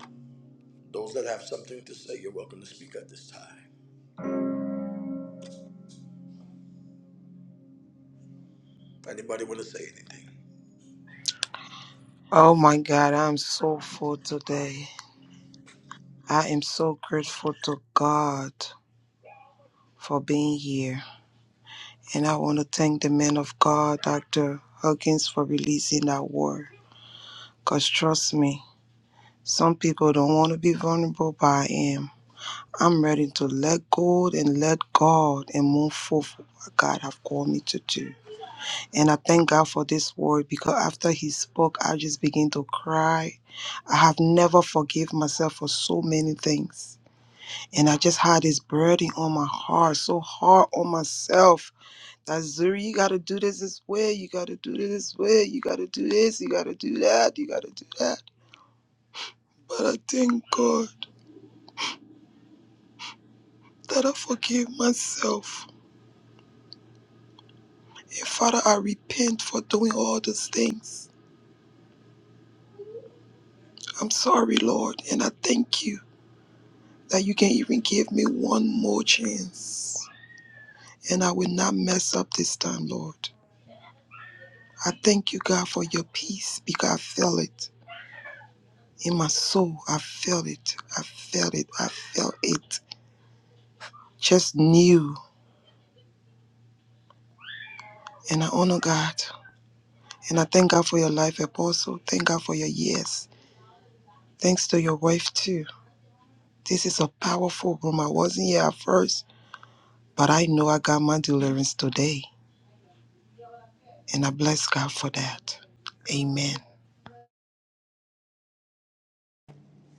[SPEAKER 1] Those that have something to say, you're welcome to speak at this time. If anybody want to say anything,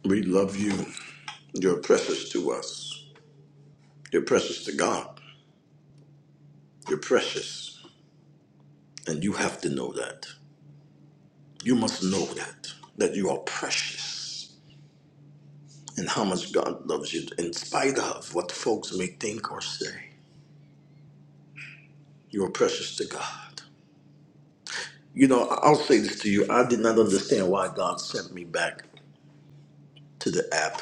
[SPEAKER 1] we love you. You're precious to us. You're precious to God. You're precious. And you have to know that. You must know that. That you are precious. And how much God loves you in spite of what folks may think or say. You are precious to God. You know, I- I'll say this to you. I did not understand why God sent me back to the app.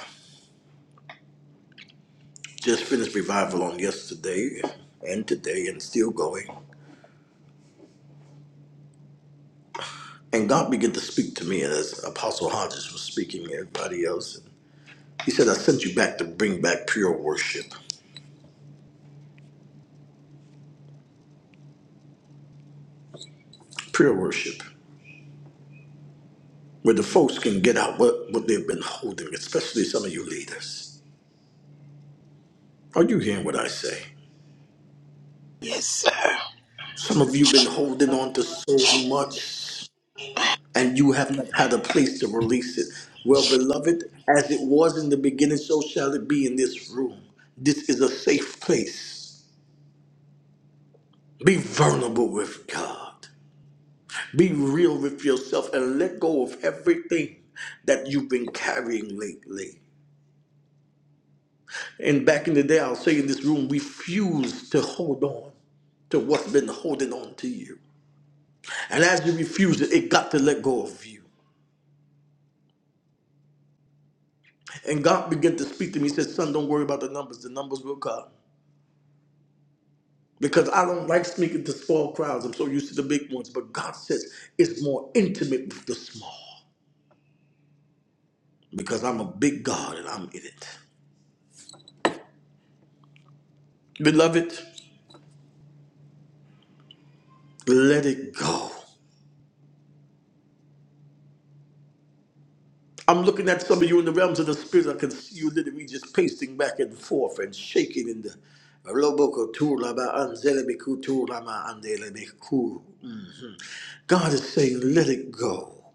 [SPEAKER 1] Just finished revival on yesterday and today and still going. And God began to speak to me, and as Apostle Hodges was speaking to everybody else, he said, I sent you back to bring back pure worship. Pure worship. Where the folks can get out what, what they've been holding, especially some of you leaders. Are you hearing what I say? Some of you been holding on to so much, and you have not had a place to release it. Well, beloved, as it was in the beginning, so shall it be in this room. This is a safe place. Be vulnerable with God. Be real with yourself and let go of everything that you've been carrying lately. And back in the day, I'll say in this room, refuse to hold on to what's been holding on to you. And as you refuse it, it got to let go of you. And God began to speak to me. He said, Son, don't worry about the numbers. The numbers will come. Because I don't like speaking to small crowds. I'm so used to the big ones. But God says it's more intimate with the small. Because I'm a big God and I'm in it. Beloved, let it go. I'm looking at some of you in the realms of the spirit. I can see you literally just pacing back and forth and shaking in the Roboko Turaba Anzelebiku Turama Andelebiku. God is saying, let it go.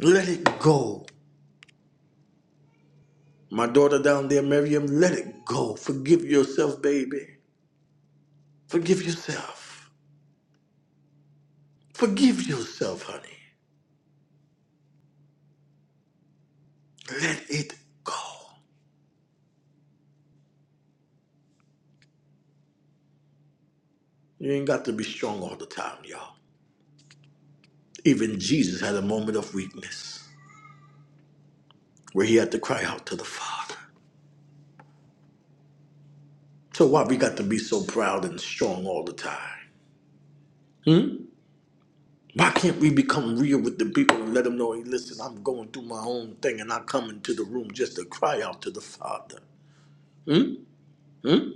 [SPEAKER 1] Let it go. My daughter down there, Miriam, let it go. Forgive yourself, baby. Forgive yourself. Forgive yourself, honey. Let it go. You ain't got to be strong all the time, y'all. Even Jesus had a moment of weakness where he had to cry out to the Father. So why we got to be so proud and strong all the time? Hmm? Why can't we become real with the people and let them know, hey, listen, I'm going through my own thing and I come into the room just to cry out to the Father? Hmm? Hmm?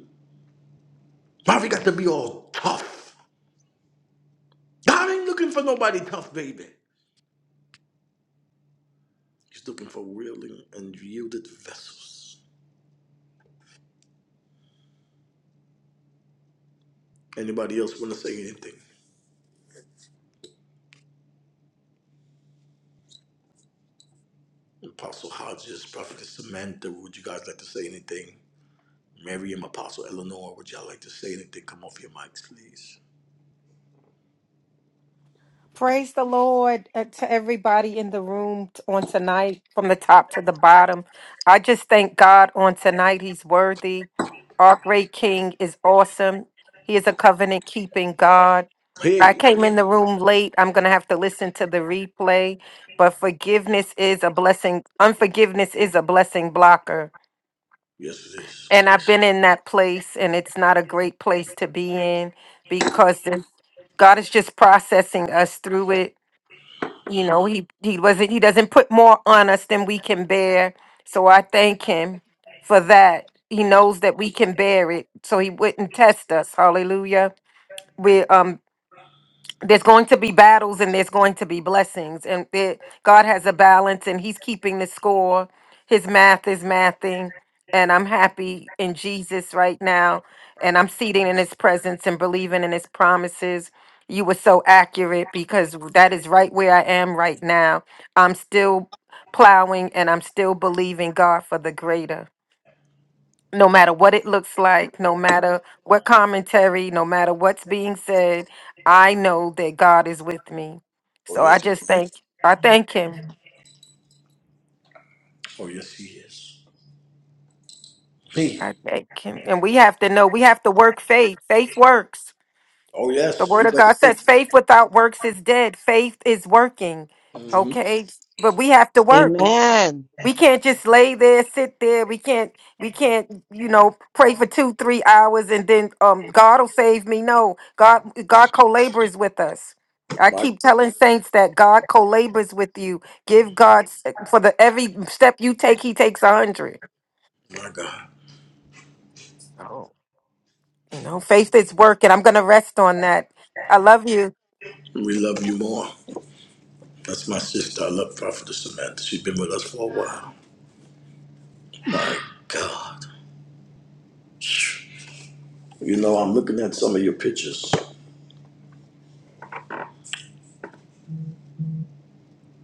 [SPEAKER 1] Why we got to be all tough? God ain't looking for nobody tough, baby. He's looking for real and and yielded vessels. Anybody else want to say anything? Apostle Hodges, Prophetess Samantha, would you guys like to say anything? Mary and Apostle Eleanor, would y'all like to say anything? Come off your mics, please.
[SPEAKER 8] Praise the Lord uh, to everybody in the room t- on tonight, from the top to the bottom. I just thank God on tonight. He's worthy. Our great King is awesome. He is a covenant keeping God. I
[SPEAKER 1] Hey,
[SPEAKER 8] came in the room late. I'm going to have to listen to the replay, but forgiveness is a blessing. Unforgiveness is a blessing blocker.
[SPEAKER 1] yes it is.
[SPEAKER 8] And I've been in that place, and it's not a great place to be in because there's God is just processing us through it. You know, he he wasn't he doesn't put more on us than we can bear. So I thank him for that. He knows that we can bear it, so he wouldn't test us. Hallelujah. We're um there's going to be battles and there's going to be blessings and it, god has a balance and he's keeping the score his math is mathing and i'm happy in jesus right now and i'm seating in his presence and believing in his promises you were so accurate because that is right where i am right now i'm still plowing and i'm still believing god for the greater no matter what it looks like, no matter what commentary, no matter what's being said, I know that God is with me.
[SPEAKER 1] Oh
[SPEAKER 8] So I
[SPEAKER 1] yes, it,
[SPEAKER 8] just thank I thank him.
[SPEAKER 1] oh yes he is. Hey,
[SPEAKER 8] I thank him. And we have to know we have to work faith. Faith works.
[SPEAKER 1] oh
[SPEAKER 8] The
[SPEAKER 1] yes,
[SPEAKER 8] word
[SPEAKER 1] you
[SPEAKER 8] of
[SPEAKER 1] better
[SPEAKER 8] God
[SPEAKER 1] say.
[SPEAKER 8] says faith without works is dead. Faith is working.
[SPEAKER 1] Mhm.
[SPEAKER 8] Okay? But we have to work.
[SPEAKER 9] Amen.
[SPEAKER 8] We can't just lay there, sit there. We can't, we can't, you know, pray for two, three hours and then um God will save me. No, God, God co-labors with us. I
[SPEAKER 1] My
[SPEAKER 8] keep telling saints that God co-labors with you. Give God s- for the every step you take, He takes a hundred.
[SPEAKER 1] my God,
[SPEAKER 8] Oh, you know, faith is working. I'm gonna rest on that. I love you.
[SPEAKER 1] we love you more. That's my sister. I love Prophetess Samantha. She's been with us for a while. My God, you know I'm looking at some of your pictures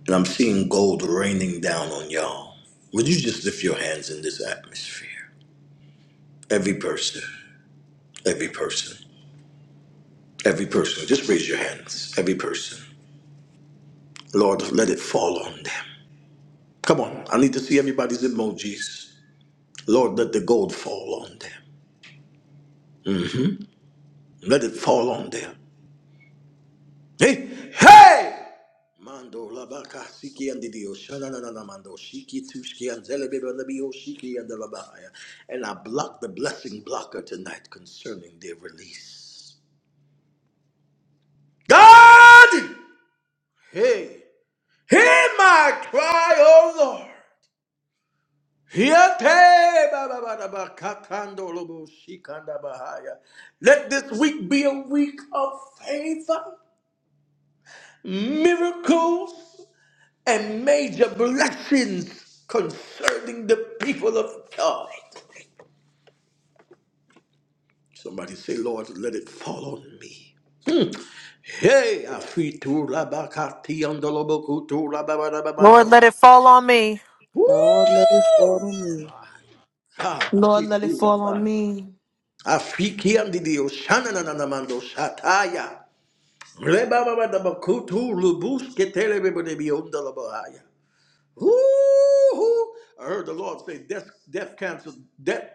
[SPEAKER 1] and I'm seeing gold raining down on y'all. Would you just lift your hands in this atmosphere? Every person, every person, every person. Just raise your hands. Every person. Lord, let it fall on them. Come on, I need to see everybody's emojis. Lord, let the gold fall on them. Let it fall on them. Hey, hey! Mando labaka siki and didio shana na na na mando shiki tushki and zelebe ba lebi shiki and labahaya. And I block the blessing blocker tonight concerning their release. God, hey, hear my cry, oh Lord. Yate ba ba ba da ba kakando lobo shikanda bahaya. Let this week be a week of favor, miracles, and major blessings concerning the people of God. Somebody say, Lord, let it fall on me. Hmm. Hey, afitu rabakati andolobo kutu
[SPEAKER 6] Lord,
[SPEAKER 1] rababababando.
[SPEAKER 6] let it fall on me.
[SPEAKER 1] Woo! My God,
[SPEAKER 2] Lord, let it fall on
[SPEAKER 1] afitu
[SPEAKER 2] me.
[SPEAKER 1] Afiki Afikiandidio shanananamando shataya. Rebaba da bakutu lubus ketelebe de bionda la lubusketelebebedebiondalabahaya. Woo-hoo. I heard the Lord say, death, death, cancel, death,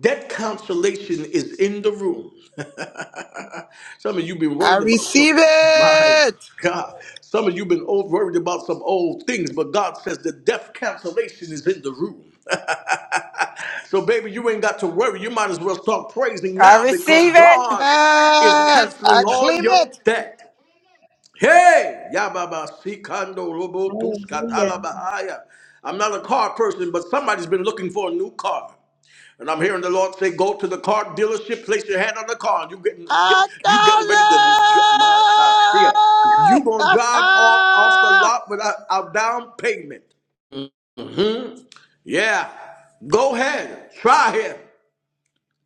[SPEAKER 1] death consolation is in the room. some of you been worried about some, my God. Some of you been old, worried about some old things, but God says the death cancellation is in the room. So, baby, you ain't got to worry. You might as well start praising
[SPEAKER 8] I
[SPEAKER 1] now because
[SPEAKER 8] receive it.
[SPEAKER 1] God
[SPEAKER 9] I
[SPEAKER 1] is canceling all
[SPEAKER 9] claim
[SPEAKER 1] your
[SPEAKER 9] it.
[SPEAKER 1] debt. Hey, Yababa Sikando Robo
[SPEAKER 4] Hallelujah.
[SPEAKER 1] Tuskatala Bahaya. I'm not a car person, but somebody's been looking for a new car. And I'm hearing the Lord say, go to the car dealership, place your hand on the car. You getting get,
[SPEAKER 9] I
[SPEAKER 1] you getting
[SPEAKER 9] call
[SPEAKER 1] ready to my God, see it. You gonna drive off off the lot without a down payment. Yeah. Go ahead. Try him.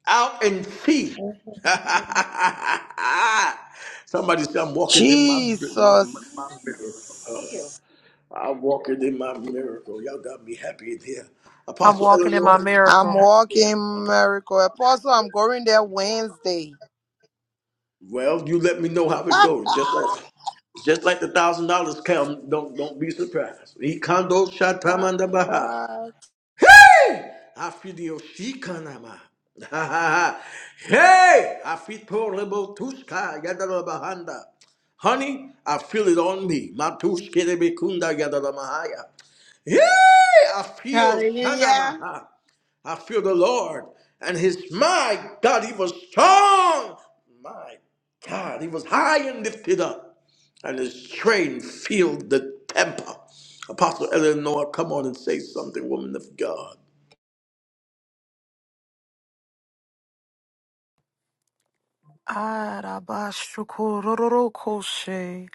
[SPEAKER 1] out and see.
[SPEAKER 4] Hallelujah.
[SPEAKER 1] Somebody say, I'm walking in my, my, my my miracle. I'm walking in my miracle. Y'all got me happy in here.
[SPEAKER 6] I'm
[SPEAKER 1] Apostle
[SPEAKER 6] walking in
[SPEAKER 1] Eleanor,
[SPEAKER 6] my miracle.
[SPEAKER 1] well, you let me know how it goes. Just like just like the thousand dollars come, don't don't be surprised. E condo shatamanda baha. Hey! Afidio Shikanama. hey! I feel portable Tuska Yadalabahanda. Honey, I feel it on me. Matushkirebekunda Yadalamahaya. Hey! I feel
[SPEAKER 2] Hallelujah.
[SPEAKER 1] Shanamaha. I feel the Lord. And his my God, he was strong. My God, he was high and lifted up. And his train filled the temple. Apostle Eleanor, come on and say something, woman of God.
[SPEAKER 6] Arabashukururukoshe.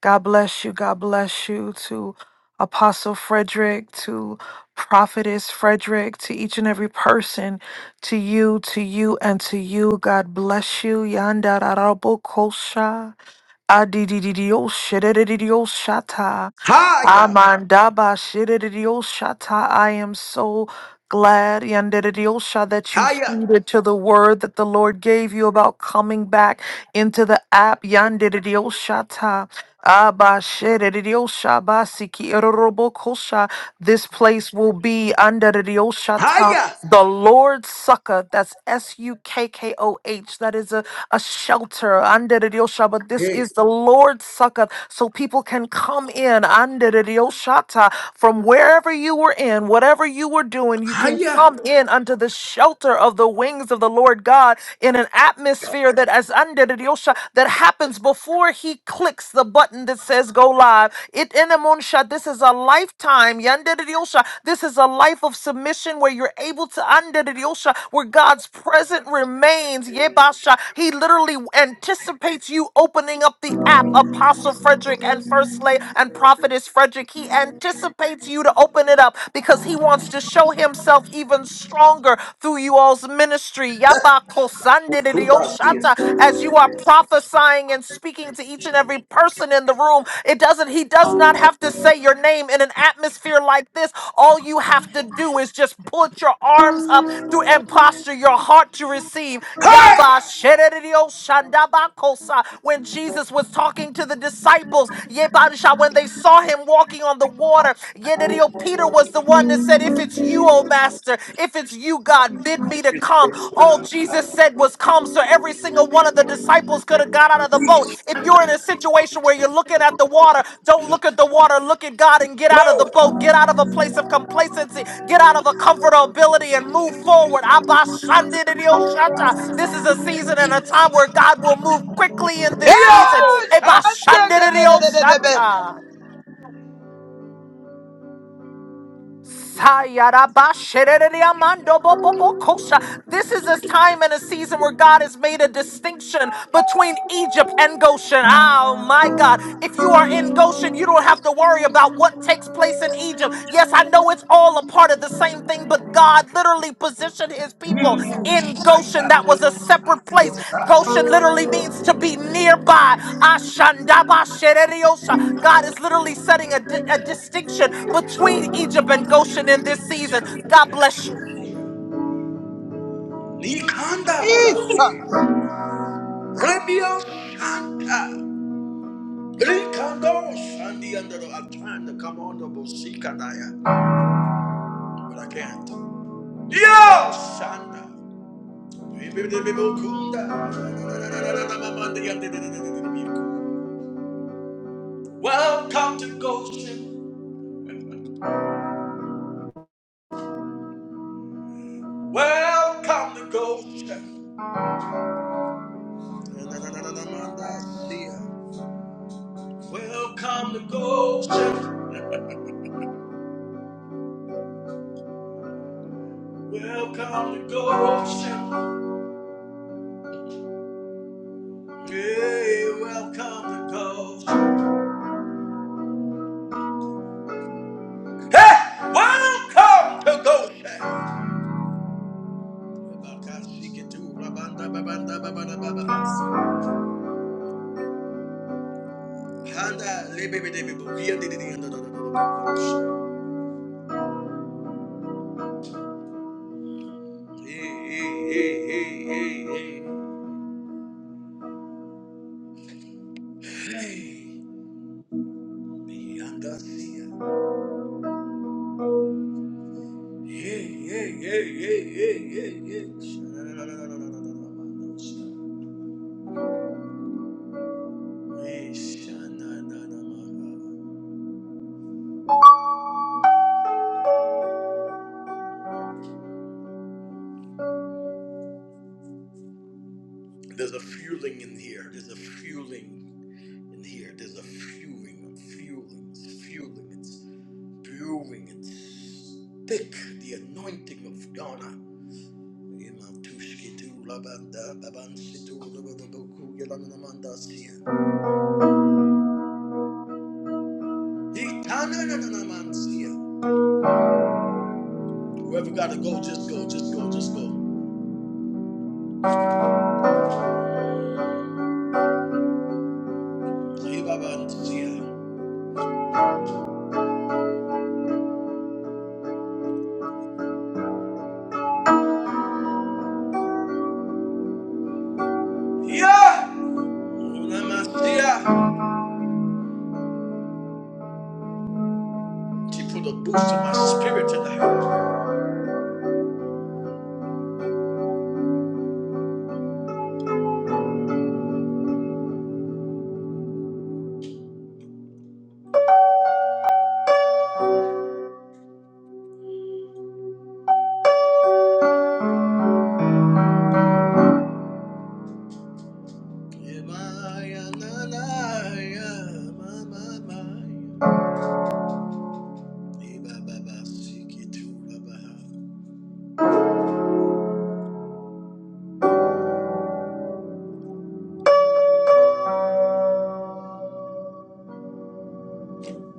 [SPEAKER 6] God bless you. God bless you to Apostle Frederick, to Prophetess Frederick, to each and every person, to you, to you, and to you. God bless you. Yandararabokosha. Adididio shedididio shata.
[SPEAKER 1] Higher,
[SPEAKER 6] Amandaba shedididio shata. I am so glad, yandididio sha, that you
[SPEAKER 1] higher,
[SPEAKER 6] heeded to the word that the Lord gave you about coming back into the app. Yandididio shata. Abba shedididio sha, basiki erorobokosha. This place will be under the
[SPEAKER 1] higher.
[SPEAKER 6] the Lord Succor, that's S U K K O H, that is a, a shelter under the Diosha, but this
[SPEAKER 1] Hey,
[SPEAKER 6] is the Lord Succor, so people can come in under the Dioshata from wherever you were in, whatever you were doing, you can
[SPEAKER 1] higher.
[SPEAKER 6] come in under the shelter of the wings of the Lord God in an atmosphere that as under the Diosha that happens before He clicks the button that says go live. It Yenemunsha, this is a lifetime. Yandidiosha, this is a life of submission where you're able to Andidiosha, where God's presence remains. Yebasha, He literally anticipates you opening up the app, Apostle Frederick and First Lady and Prophetess Frederick. He anticipates you to open it up because he wants to show himself even stronger through you all's ministry. Yabako
[SPEAKER 1] Utubasia.
[SPEAKER 6] Sandidioshata as you are prophesying and speaking to each and every person in the room. It doesn't, he does not have to say your name in an atmosphere like this. All you have to do is just put your arms up to and posture your heart to receive. Yaba
[SPEAKER 1] Higher.
[SPEAKER 6] sherereo shandabakosa. When Jesus was talking to the disciples, yebarisha, when they saw him walking on the water, yerereo, Peter was the one that said, If it's you, O Master master. If it's you, God, bid me to come. All Jesus said was come. So every single one of the disciples could have got out of the boat. If you're in a situation where you're looking at the water, don't look at the water. Look at God and get out of the
[SPEAKER 1] Low.
[SPEAKER 6] boat. Get out of a place of complacency. Get out of a comfortability and move forward. Abba, Shandi, Didi, Oshata. This is a season and a time where God will move quickly in
[SPEAKER 9] it.
[SPEAKER 6] this season.
[SPEAKER 1] Diabo.
[SPEAKER 9] yes.
[SPEAKER 6] Abba,
[SPEAKER 1] Sana.
[SPEAKER 9] Sunday,
[SPEAKER 6] Shandi,
[SPEAKER 9] da,
[SPEAKER 6] Didi,
[SPEAKER 9] da, da, da, da, da, da.
[SPEAKER 6] Oshata. Sayarabashereriamandobobobokosha. This is a time and a season where God has made a distinction between Egypt and Goshen. Oh my God. If you are in Goshen, you don't have to worry about what takes place in Egypt. Yes, I know it's all a part of the same same thing, but God literally positioned his people
[SPEAKER 1] Mimu.
[SPEAKER 6] in
[SPEAKER 1] Shaka.
[SPEAKER 6] Goshen. That was a separate place.
[SPEAKER 1] Yosa.
[SPEAKER 6] Goshen literally means to be nearby. Ashandabashereriosa. God is literally setting a, di- a distinction between Egypt and Goshen in this season. God bless you.
[SPEAKER 1] Nikanda.
[SPEAKER 9] Yes.
[SPEAKER 1] Baba. Rebio. Shanta. Rikando. Sandi. Under the I'm trying to come on the Bosika Daya. But I can't. Yo. Santa. Welcome to Goshen. Welcome to Goshen. Welcome to Goshen. Welcome to Goshen. Hey, welcome to Goshen. Hey, welcome to Goshen. Hey, hey, hey, hey, hey, hey. Yeah, yeah, yeah, yeah, yeah, yeah, yeah. There's a fueling in here. There's a fueling in here. There's a fueling, a fueling, it's fueling, it's brewing, it's thick. The anointing of God. Whoever gotta go, just go, just go, just go. Yeah! Unamashiach. She put a boost on my spirit tonight.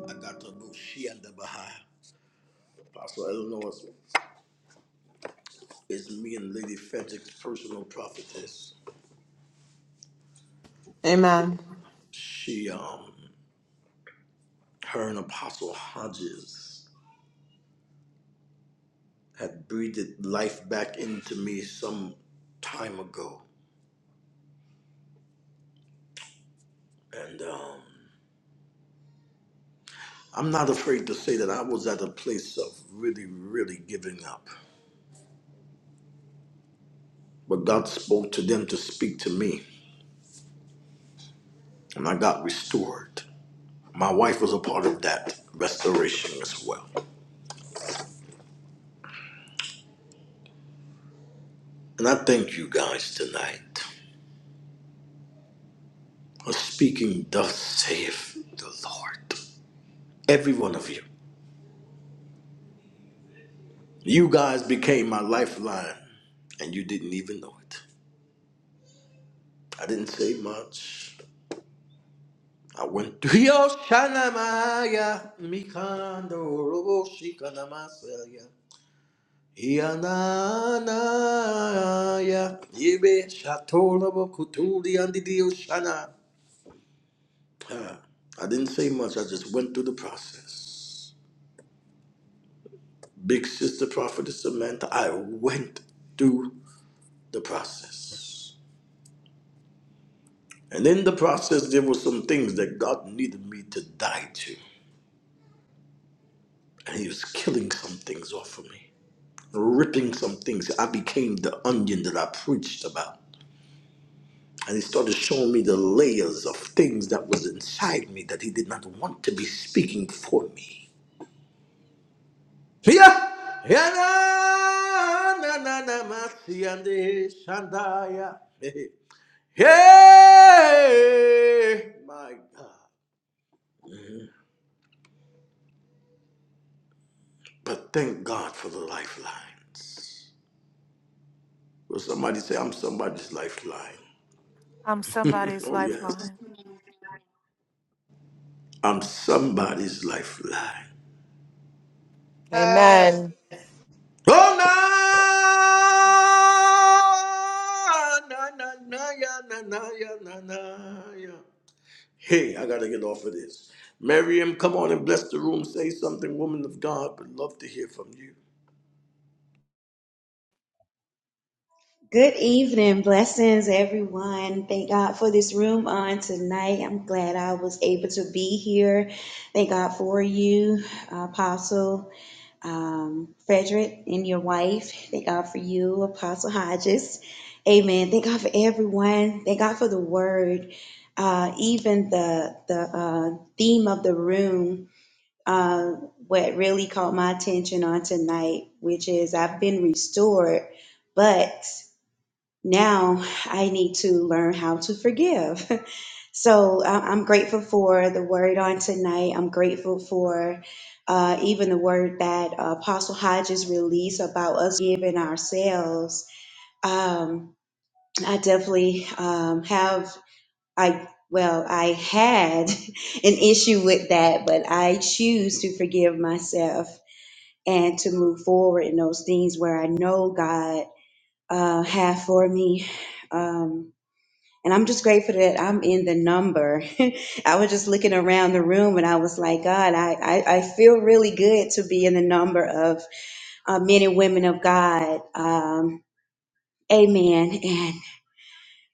[SPEAKER 1] I got the know she and the Baha. Apostle Eleanor is, is me and Lady Frederick's personal prophetess.
[SPEAKER 2] Amen.
[SPEAKER 1] She, um, her and Apostle Hodges had breathed life back into me some time ago. And, um, I'm not afraid to say that I was at a place of really, really giving up. But God spoke to them to speak to me, and I got restored. My wife was a part of that restoration as well. And I thank you guys tonight for speaking, thus saith the Lord. Every one of you. You guys became my lifeline, and you didn't even know it. I didn't say much. I went to Yoshanamaya, Mikando Robo Shikanamasaya, Yananaya, Ibe Shatolabo Kutuli and Shana. I didn't say much, I just went through the process. Big sister prophetess Samantha, I went through the process. And in the process, there were some things that God needed me to die to. And He was killing some things off of me. ripping some things. I became the onion that I preached about. And he started showing me the layers of things that was inside me that he did not want to be speaking for me. Yeah. Yeah, na, na, na, na, ma, si, and, eh, shanda, Hey, my God. But thank God for the lifelines. Will somebody say, I'm somebody's lifeline?
[SPEAKER 6] I'm somebody's
[SPEAKER 1] oh, yes.
[SPEAKER 6] lifeline.
[SPEAKER 1] I'm somebody's lifeline.
[SPEAKER 8] Amen.
[SPEAKER 1] Oh na na na na ya na na ya na na ya. Hey, I gotta get off of this. Miriam, come on and bless the room. Say something, woman of God. Would love to hear from you.
[SPEAKER 4] Good evening. Blessings, everyone. Thank God for this room on tonight. I'm glad I was able to be here. Thank God for you, Apostle. um, Frederick and your wife. Thank God for you, Apostle Hodges. Amen. Thank God for everyone. Thank God for the word. Uh, even the the uh, theme of the room, uh, what really caught my attention on tonight, which is I've been restored, but now I need to learn how to forgive. So I- I'm grateful for the word on tonight. I'm grateful for uh, even the word that uh, Apostle Hodges released about us giving ourselves. Um, I definitely um, have, I well, I had an issue with that, but I choose to forgive myself and to move forward in those things where I know God uh, have for me. Um, and I'm just grateful that I'm in the number. I was just looking around the room and I was like, God, I, I, I feel really good to be in the number of uh, men and women of God. Um, amen. And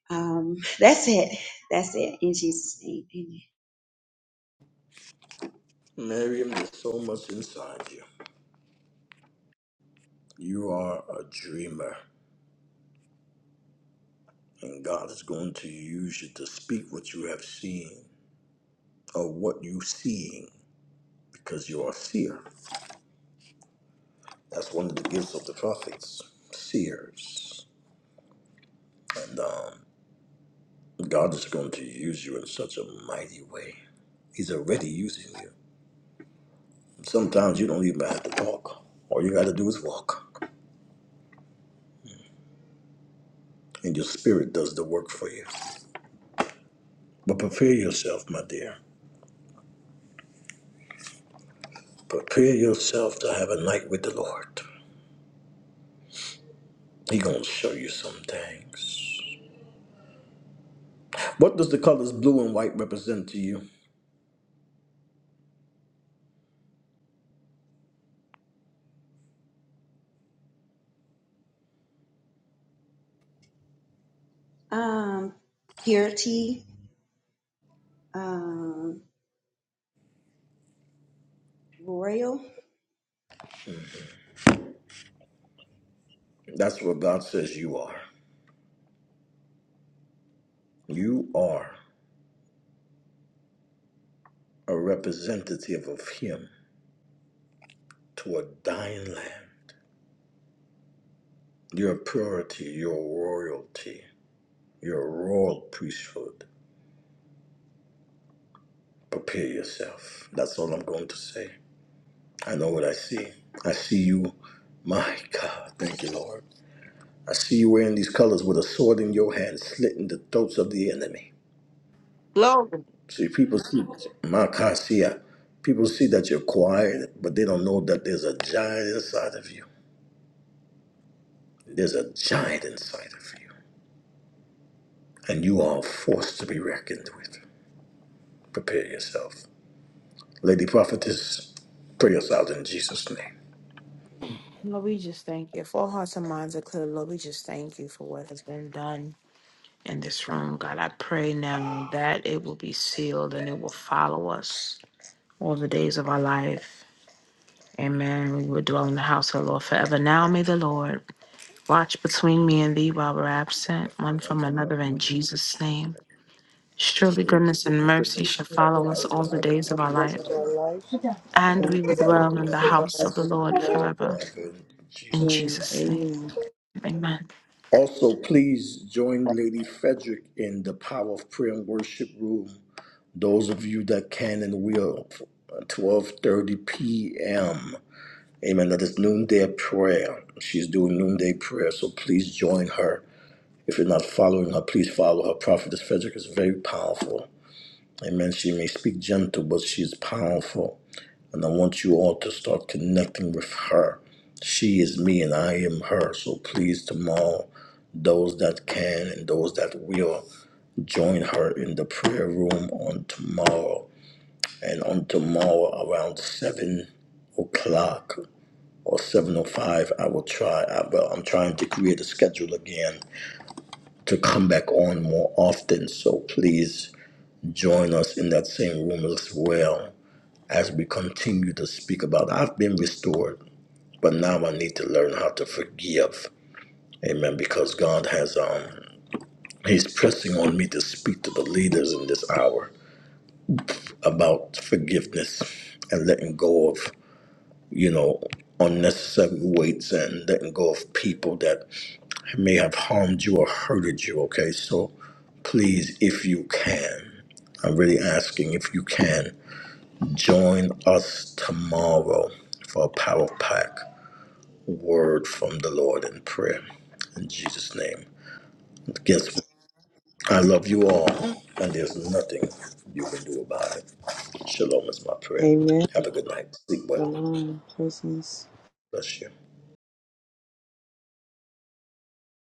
[SPEAKER 4] um, that's it. That's it. In Jesus' name, amen.
[SPEAKER 1] Miriam, there's so much inside you. You are a dreamer, and God is going to use you to speak what you have seen or what you seeing, because you are a seer. That's one of the gifts of the prophets, seers. and um. God is going to use you in such a mighty way. He's already using you. Sometimes you don't even have to talk. All you got to do is walk, and your spirit does the work for you. But prepare yourself, my dear. Prepare yourself to have a night with the Lord. He gonna show you some things. What does the colors blue and white represent to you?
[SPEAKER 4] Um, purity, um, royal.
[SPEAKER 1] That's what God says you are. You are a representative of Him to a dying land. You're purity, you're royalty. Your royal priesthood. Prepare yourself. That's all I'm going to say. I know what I see. I see you. My God, thank you, Lord. I see you wearing these colors with a sword in your hand, slitting the throats of the enemy.
[SPEAKER 2] Glory.
[SPEAKER 1] See, people see, my God, see, uh, people see that you're quiet, but they don't know that there's a giant inside of you. There's a giant inside of you, and you are a force to be reckoned with. Prepare yourself. Lady Prophetess, pray us out in Jesus' name.
[SPEAKER 2] Lord, we just thank you. If all hearts and minds are clear, Lord, we just thank you for what has been done in this room. God, I pray now that it will be sealed and it will follow us all the days of our life. Amen. We will dwell in the house of the Lord forever. Now may the Lord watch between me and thee while we're absent, one from another in Jesus' name. Surely
[SPEAKER 1] Sure,
[SPEAKER 2] goodness
[SPEAKER 1] the
[SPEAKER 2] and mercy shall
[SPEAKER 1] affirmations are
[SPEAKER 2] follow us
[SPEAKER 1] following
[SPEAKER 2] all
[SPEAKER 1] us
[SPEAKER 2] the
[SPEAKER 1] all
[SPEAKER 2] days of
[SPEAKER 1] the
[SPEAKER 2] our
[SPEAKER 1] days of
[SPEAKER 2] life,
[SPEAKER 1] our life,
[SPEAKER 2] and
[SPEAKER 1] and
[SPEAKER 2] we will
[SPEAKER 1] we will
[SPEAKER 2] dwell in
[SPEAKER 1] dwell
[SPEAKER 2] the
[SPEAKER 1] in the
[SPEAKER 2] house of the
[SPEAKER 1] house of the
[SPEAKER 2] Lord
[SPEAKER 1] Lord
[SPEAKER 2] forever.
[SPEAKER 1] forever. In
[SPEAKER 2] In
[SPEAKER 1] Jesus' name.
[SPEAKER 2] Jesus' name. Amen.
[SPEAKER 1] Also, please join Lady Frederick in the Power of Prayer and Worship Room. Those of you that can and will, 12:30 p.m. Amen. That is noonday prayer. She's doing noonday prayer, so please join her. If you're not following her, please follow her. Prophetess Frederick is very powerful. Amen. She may speak gentle, but she's powerful. And I want you all to start connecting with her. She is me and I am her. So please, tomorrow, those that can and those that will, join her in the prayer room on tomorrow. And on tomorrow around 7 o'clock or 7.05, I will try. I, well, I'm trying to create a schedule again to come back on more often. So please join us in that same room as well as we continue to speak about I've been restored, but now I need to learn how to forgive. Amen. Because God has um He's pressing on me to speak to the leaders in this hour about forgiveness and letting go of, you know, unnecessary weights and letting go of people that may have harmed you or hurted you. Okay. So please, if you can, I'm really asking if you can join us tomorrow for a power pack. word from the Lord in prayer. In Jesus' name. Against me. I love you all, and there's nothing you can do about it. Shalom is my prayer.
[SPEAKER 9] Amen.
[SPEAKER 1] Have a good night. Sleep
[SPEAKER 9] The
[SPEAKER 1] well.
[SPEAKER 9] Lord presence.
[SPEAKER 1] Bless you.